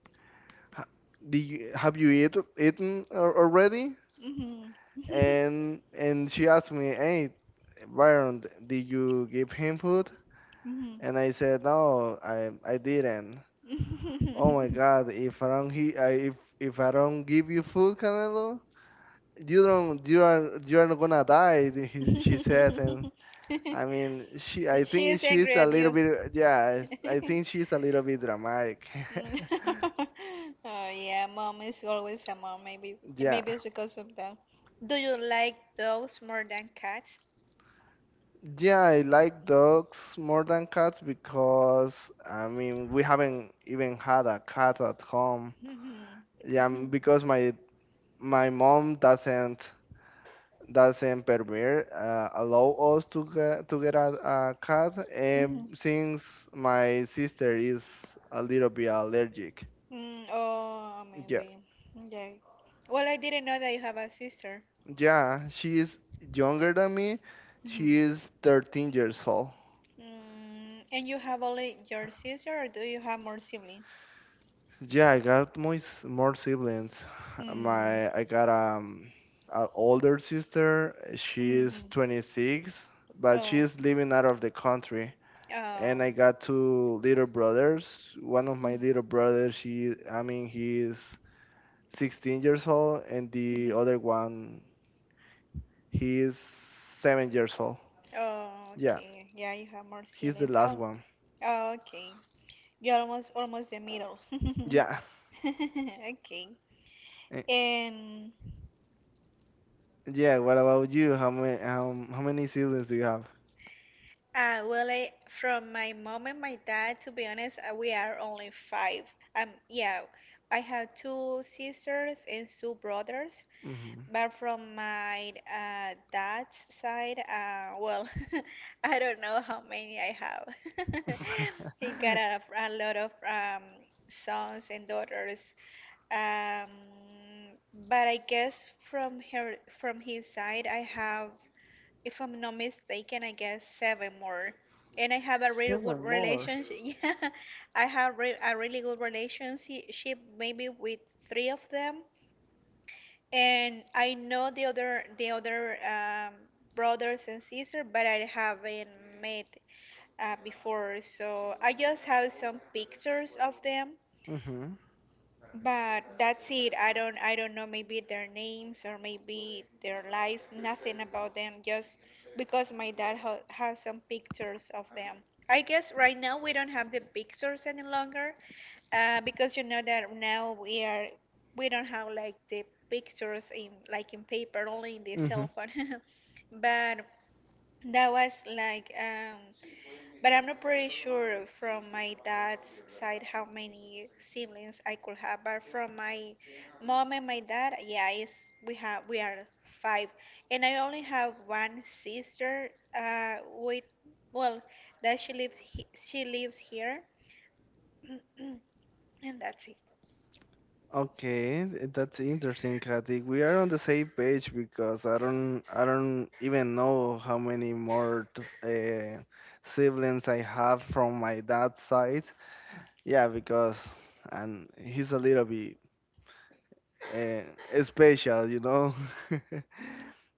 Speaker 2: ha- do you, have you eat, eaten al- already?
Speaker 1: Hmm.
Speaker 2: and and she asked me, hey Byron, did you give him food?
Speaker 1: Hmm. Hmm.
Speaker 2: And I said, no, i I didn't. Oh my god, if I don't, he, I, if if I don't give you food, Canelo, you don't you are, you are gonna die, he, she said. And I mean, she. I
Speaker 1: She
Speaker 2: think
Speaker 1: is
Speaker 2: she's
Speaker 1: angry
Speaker 2: a
Speaker 1: at
Speaker 2: little
Speaker 1: you.
Speaker 2: bit. Yeah, I think she's a little bit dramatic.
Speaker 1: Mm. Oh, yeah, mom is always a mom. Maybe,
Speaker 2: Yeah.
Speaker 1: maybe it's because of that. Do you like dogs more than cats?
Speaker 2: Yeah, I like dogs more than cats, because I mean we haven't even had a cat at home.
Speaker 1: Mhm.
Speaker 2: Yeah, m-
Speaker 1: Mhm.
Speaker 2: because my my mom doesn't doesn't permit, uh, allow us to get to get a, a cat. And
Speaker 1: Mhm.
Speaker 2: since my sister is a little bit allergic.
Speaker 1: Mm, oh,
Speaker 2: Yeah.
Speaker 1: maybe. Yeah. Well, I didn't know that you have a sister.
Speaker 2: Yeah, she is younger than me. She
Speaker 1: Mhm.
Speaker 2: is thirteen years old.
Speaker 1: Mm, and you have only your sister, or do you have more siblings?
Speaker 2: Yeah, I got more s- more siblings.
Speaker 1: Mm.
Speaker 2: My I got um an older sister. She
Speaker 1: Hmm.
Speaker 2: is twenty-six, but
Speaker 1: Oh.
Speaker 2: she
Speaker 1: Um.
Speaker 2: is living out of the country. And I got two little brothers. One of my little brothers, she I mean he is sixteen years old, and the
Speaker 1: Mhm.
Speaker 2: other one he is seven years old.
Speaker 1: Oh,
Speaker 2: Yeah,
Speaker 1: okay. Yeah, you have more
Speaker 2: he's the
Speaker 1: ceilings.
Speaker 2: last
Speaker 1: Oh,
Speaker 2: one.
Speaker 1: oh, okay. You're almost almost the middle.
Speaker 2: Yeah.
Speaker 1: Okay.
Speaker 2: eh,
Speaker 1: And
Speaker 2: Yeah, what about you? How many how, how many siblings do you have?
Speaker 1: Uh, well, I, from my mom and my dad, to be honest, uh, we are only five. Um, yeah, I have two sisters and two brothers,
Speaker 2: Hmm
Speaker 1: but from my uh, dad's side, uh, well, I don't know how many I have. He got a, a lot of um, sons and daughters. Um, but I guess from her, from his side, I have if I'm not mistaken, I guess seven more. And I have a really good
Speaker 2: Seven more.
Speaker 1: relationship. Yeah, I have re a really good relationship, maybe with three of them. And I know the other the other um, brothers and sisters, but I haven't met uh, before. So I just have some pictures of them,
Speaker 2: Mhm.
Speaker 1: but that's it. I don't I don't know maybe their names or maybe their lives, nothing about them, just because my dad ha has some pictures of them. I guess right now we don't have the pictures any longer, uh, because you know that now we are we don't have like the pictures in like in paper, only in the cell
Speaker 2: Mhm.
Speaker 1: phone. But that was like, um, but I'm not pretty sure from my dad's side how many siblings I could have. But from my mom and my dad, yeah, it's, we have we are five, and I only have one sister. Uh, with well, that she lives he, she lives here, and that's it.
Speaker 2: Okay, th- that's interesting, Katy. We are on the same page because I don't I don't even know how many more t uh, siblings I have from my dad's side. Yeah, because and he's a little bit uh, special, you know.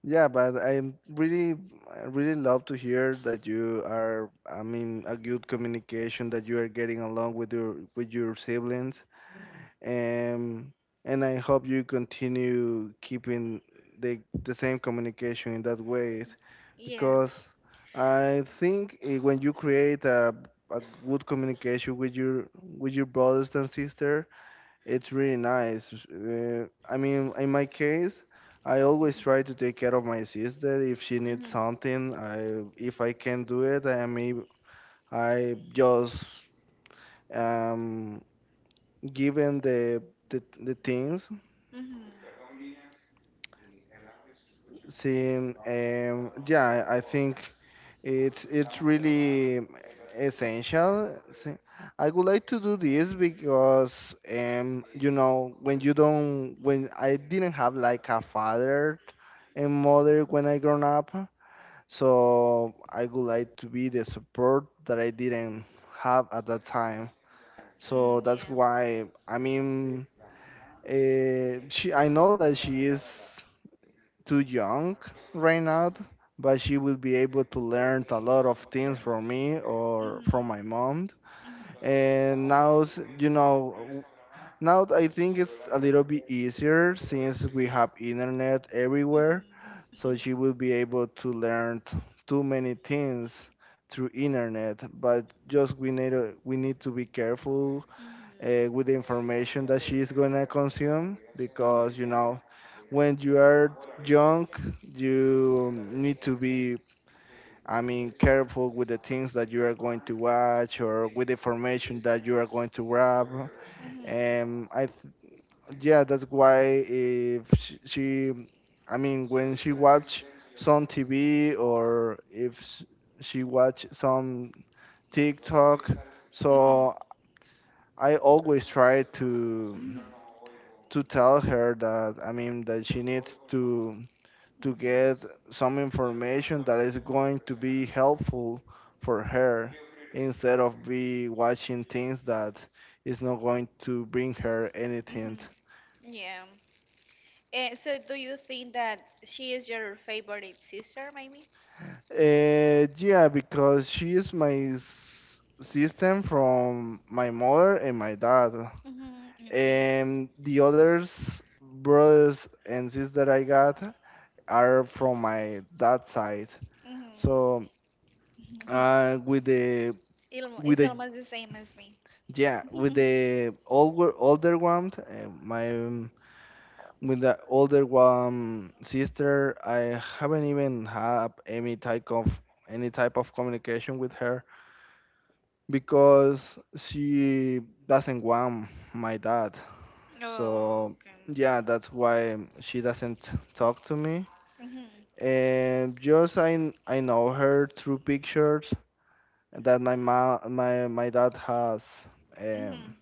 Speaker 2: Yeah, but I'm really, I really love to hear that you are, I mean, a good communication that you are getting along with your with your siblings, and and I hope you continue keeping the the same communication in that way,
Speaker 1: Yeah.
Speaker 2: because I think eh, when you create a a good communication with your with your brothers and sisters. It's really nice. Uh, I mean, in my case, I always try to take care of my sister. If she needs
Speaker 1: Mhm.
Speaker 2: something, I if I can do it, I am ab- I just um given the the the things.
Speaker 1: Mhm.
Speaker 2: See, um, yeah, I think it's it's really essential. See, I would like to do this because, um, you know, when you don't, when I didn't have like a father and mother when I grown up, so I would like to be the support that I didn't have at that time. So
Speaker 1: Mm,
Speaker 2: that's
Speaker 1: yeah.
Speaker 2: why, I mean, uh, she, I know that she is too young right now, but she will be able to learn a lot of things from me
Speaker 1: Ujú,
Speaker 2: or from
Speaker 1: ujú,
Speaker 2: my mom. And now, s- you know, now I think it's a little bit easier since we have internet everywhere, so she will
Speaker 1: ujú,
Speaker 2: be able to learn t- too many things through internet. But just we need to, we need to be careful uh, with the information that she is gonna consume
Speaker 1: ujú.
Speaker 2: because you know when you are young you need to be i mean careful with the things that you are going to watch or with the information that you are going to grab.
Speaker 1: Ujú,
Speaker 2: And i th- yeah, that's why if sh- she I mean when she watch some TV or if s- she watch some TikTok,
Speaker 1: ujú.
Speaker 2: so I always try to.
Speaker 1: Ujú.
Speaker 2: to tell her that I mean that she needs to to get
Speaker 1: Ujú,
Speaker 2: some information that is going to be helpful for her instead of be watching things that is not going to bring her
Speaker 1: ujú.
Speaker 2: anything.
Speaker 1: Yeah. Eh, so, do you think that she is your favorite sister, maybe?
Speaker 2: Uh, yeah, because she is my s- system from my mother and my dad.
Speaker 1: Mm-hmm. Okay.
Speaker 2: And the others brothers and sisters that I got are from my dad's side. So
Speaker 1: Mm-hmm.
Speaker 2: uh, with the
Speaker 1: Ilmo
Speaker 2: with
Speaker 1: is
Speaker 2: the
Speaker 1: almost the same as me.
Speaker 2: yeah, with the older older one, uh, my um, with the older one sister, I haven't even had any type of any type of communication with her because she doesn't want my dad,
Speaker 1: Oh,
Speaker 2: so yeah,
Speaker 1: okay.
Speaker 2: that's why she doesn't talk to me.
Speaker 1: Mhm.
Speaker 2: And just I I know her through pictures that my ma my my dad has
Speaker 1: Mhm.
Speaker 2: um,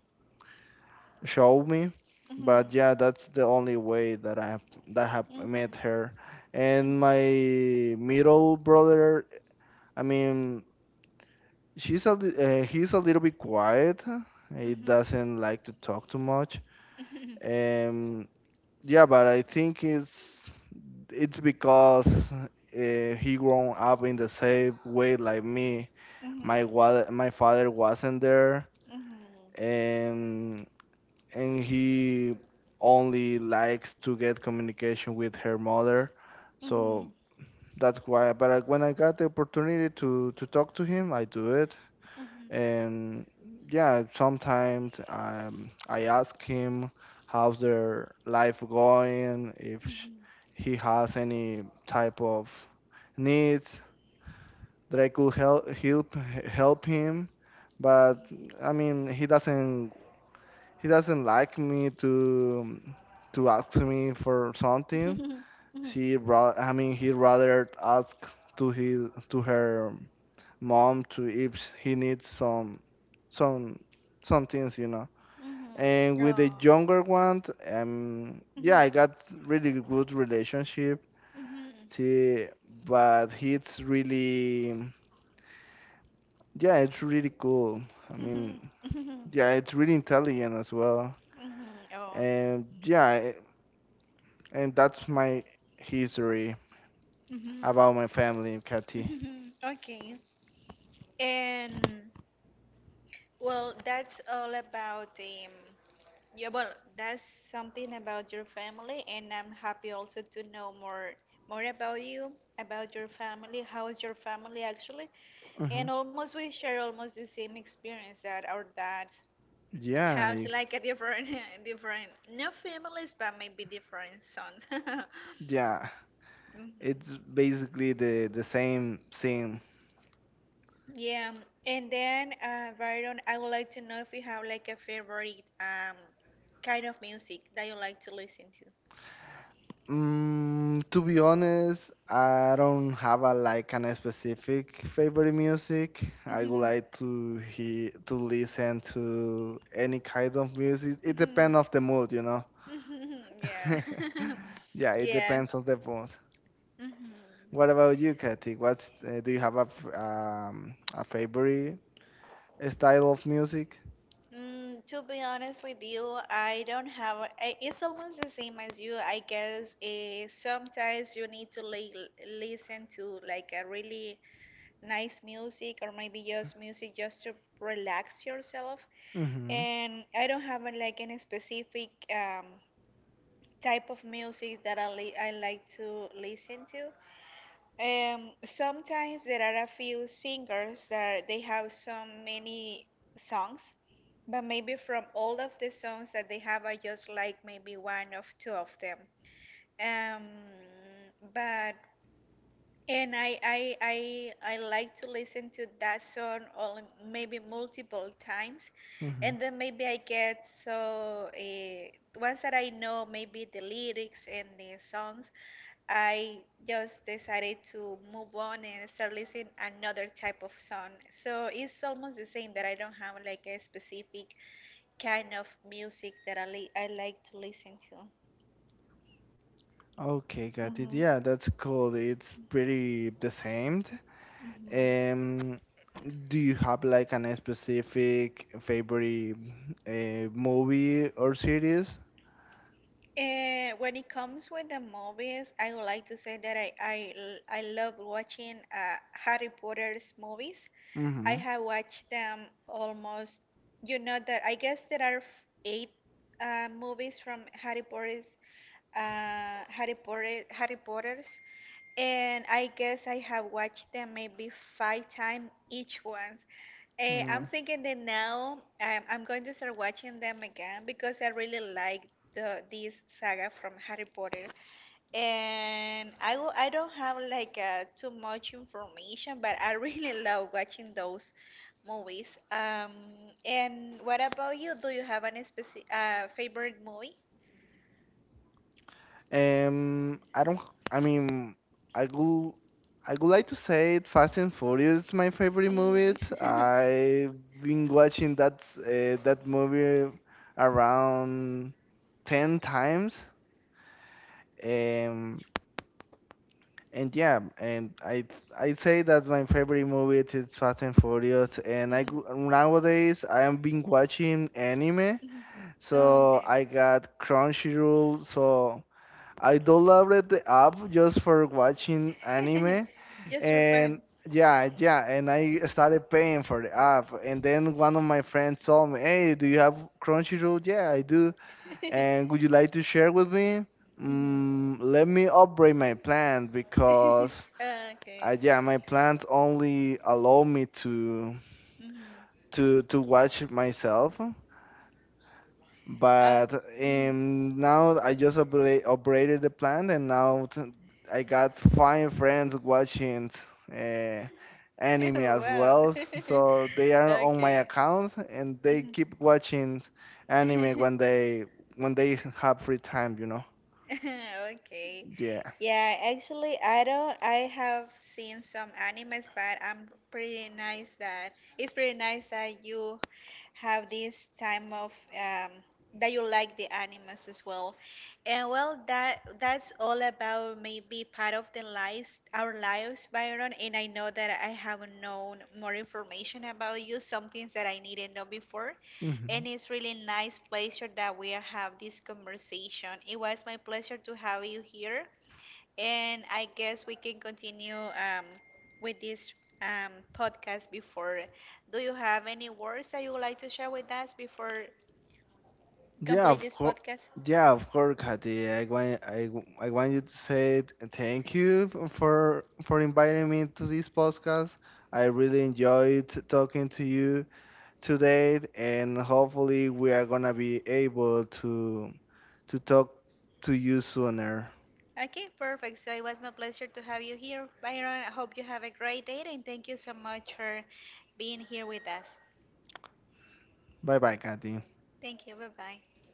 Speaker 2: show me.
Speaker 1: Mhm.
Speaker 2: But yeah, that's the only way that I have that have
Speaker 1: Mhm. Mhm.
Speaker 2: met
Speaker 1: Mhm.
Speaker 2: her. And my middle brother, I mean, she's a li- uh, he's a little bit quiet.
Speaker 1: Mhm.
Speaker 2: He
Speaker 1: Mhm.
Speaker 2: doesn't like to talk too much.
Speaker 1: Mhm.
Speaker 2: Um, yeah, but I think it's it's because uh, he grown up in the same way like me. My
Speaker 1: Mhm.
Speaker 2: wa- my father wasn't there, and and he only likes to get communication with her mother. So
Speaker 1: Mhm.
Speaker 2: that's why. But I- when I got the opportunity to to talk to him, I do it.
Speaker 1: Mhm.
Speaker 2: And yeah, sometimes um, I ask him how's their life going, if sh- he has any type of needs that I could help help help him. But I mean, he doesn't he doesn't like me to to ask me for something.
Speaker 1: Mhm.
Speaker 2: She brought, I mean, he rather ask to his to her mom to if he needs some some some things, you know.
Speaker 1: Mhm.
Speaker 2: And with the
Speaker 1: Oh.
Speaker 2: younger one, um,
Speaker 1: Mhm.
Speaker 2: yeah, I got really good relationship.
Speaker 1: Mhm. Mhm.
Speaker 2: See, but he's really, yeah, it's really cool. I
Speaker 1: Mhm.
Speaker 2: mean, yeah, it's really intelligent as well.
Speaker 1: Mhm. Oh, okay.
Speaker 2: And yeah, and that's my history
Speaker 1: Mhm.
Speaker 2: about my family, Katy.
Speaker 1: Mhm. Okay. And well, that's all about um, yeah, well, that's something about your family, and I'm happy also to know more more about you, about your family. How is your family actually?
Speaker 2: Hmm
Speaker 1: And almost we share almost the same experience that our dads
Speaker 2: Yeah,
Speaker 1: has
Speaker 2: I-
Speaker 1: like a different different not families, but maybe different sons.
Speaker 2: yeah.
Speaker 1: Hmm.
Speaker 2: It's basically the the same thing.
Speaker 1: Yeah, and then uh, Byron, I would like to know if you have like a favorite um kind of music that you like to listen.
Speaker 2: Mm, to be honest, I don't have a like an specific favorite music. I would
Speaker 1: Mhm.
Speaker 2: like to hear to listen to any kind of music. It
Speaker 1: Mhm.
Speaker 2: depends of the mood, you know.
Speaker 1: Mhm. Yeah.
Speaker 2: Yeah, it
Speaker 1: Yeah.
Speaker 2: depends on the mood.
Speaker 1: Mhm.
Speaker 2: What about you, Katy? What's uh, do you have a f- um, a favorite style of music?
Speaker 1: Mm, to be honest with you, I don't have. I, it's almost the same as you. I guess eh, sometimes you need to like listen to like a really nice music or maybe just music just to relax yourself.
Speaker 2: Mm-hmm.
Speaker 1: And I don't have uh, like any specific um type of music that I, li- I like to listen to. Um, sometimes there are a few singers that they have so many songs, but maybe from all of the songs that they have, I just like maybe one of two of them. Um, but and I, I, I, I like to listen to that song or maybe multiple times.
Speaker 2: Mm-hmm.
Speaker 1: And then maybe I get so, uh, once that I know maybe the lyrics and the songs, I just decided to move on and start listening another type of song. So it's almost the same that I don't have like a specific kind of music that I, li I like to listen to.
Speaker 2: Okay, got it.
Speaker 1: Hmm.
Speaker 2: Yeah, that's cool. It's pretty the same.
Speaker 1: Hmm.
Speaker 2: Um, do you have like an specific favorite uh, movie or series?
Speaker 1: Uh, when it comes with the movies, I would like to say that I, I, l- I love watching uh, Harry Potter's movies. I
Speaker 2: Mm-hmm.
Speaker 1: have watched them almost, you know, that I guess there are f- eight uh, movies from Harry Potter's, uh, Harry Potter, Harry Potter's, and I guess I have watched them maybe five times each one. Eh, I'm
Speaker 2: Mm.
Speaker 1: thinking that now I'm, I'm going to start watching them again because I really like the this saga from Harry Potter. And I, w- I don't have like uh, too much information, but I really love watching those movies. Um, and what about you? Do you have any specific uh, favorite movie?
Speaker 2: Um, I don't. I mean, I would. I would like to say it, Fast and Furious is my favorite movie.
Speaker 1: Mm.
Speaker 2: I've been watching that uh, that movie around ten times. Um, and yeah, and I I say that my favorite movie it is Fast and Furious, and I
Speaker 1: Mhm.
Speaker 2: go- nowadays I am been watching anime,
Speaker 1: Mhm. Oh,
Speaker 2: so
Speaker 1: okay.
Speaker 2: I got Crunchyroll, so I downloaded the app just for watching anime,
Speaker 1: Just for
Speaker 2: and
Speaker 1: fun.
Speaker 2: yeah, yeah, and I started paying for the app, and then one of my friends told me, "Hey, do you have Crunchyroll?" Yeah, I do, and would you like to share with me?
Speaker 1: Mhm.
Speaker 2: Mm, let me upgrade my plan because
Speaker 1: Okay.
Speaker 2: uh, yeah, my plans only allow me to
Speaker 1: Hmm.
Speaker 2: to to watch it myself.
Speaker 1: Okay.
Speaker 2: But
Speaker 1: Mhm.
Speaker 2: um, now I just upgrade, upgraded the plan, and now t- I got five friends watching uh, anime
Speaker 1: Oh,
Speaker 2: as
Speaker 1: wow.
Speaker 2: well. So they are on my
Speaker 1: Okay.
Speaker 2: account, and they keep watching anime
Speaker 1: Mhm.
Speaker 2: when they when they have free time, you know.
Speaker 1: Okay.
Speaker 2: Yeah.
Speaker 1: Yeah, actually, I don't. I have seen some animes, but I'm pretty nice that it's pretty nice that you have this time of um, that you like the animes as well. And well, that that's all about maybe part of the lives, our lives, Byron. And I know that I haven't known more information about you, some things that I didn't know before.
Speaker 2: hmm
Speaker 1: And it's really nice pleasure that we have this conversation. It was my pleasure to have you here, and I guess we can continue um, with this um, podcast before. Do you have any words that you would like to share with us before
Speaker 2: Yeah,
Speaker 1: complete
Speaker 2: of
Speaker 1: this
Speaker 2: course.
Speaker 1: podcast?
Speaker 2: Yeah, of course, Katy. I want I, w- I want you to say th- thank you f- for for inviting me to this podcast. I really enjoyed talking to you today, and hopefully we are gonna be able to to talk to you sooner.
Speaker 1: Okay, perfect. So it was my pleasure to have you here, Byron. I hope you have a great day, and thank you so much for being here with us.
Speaker 2: Bye bye, Katy.
Speaker 1: Thank you. Bye bye.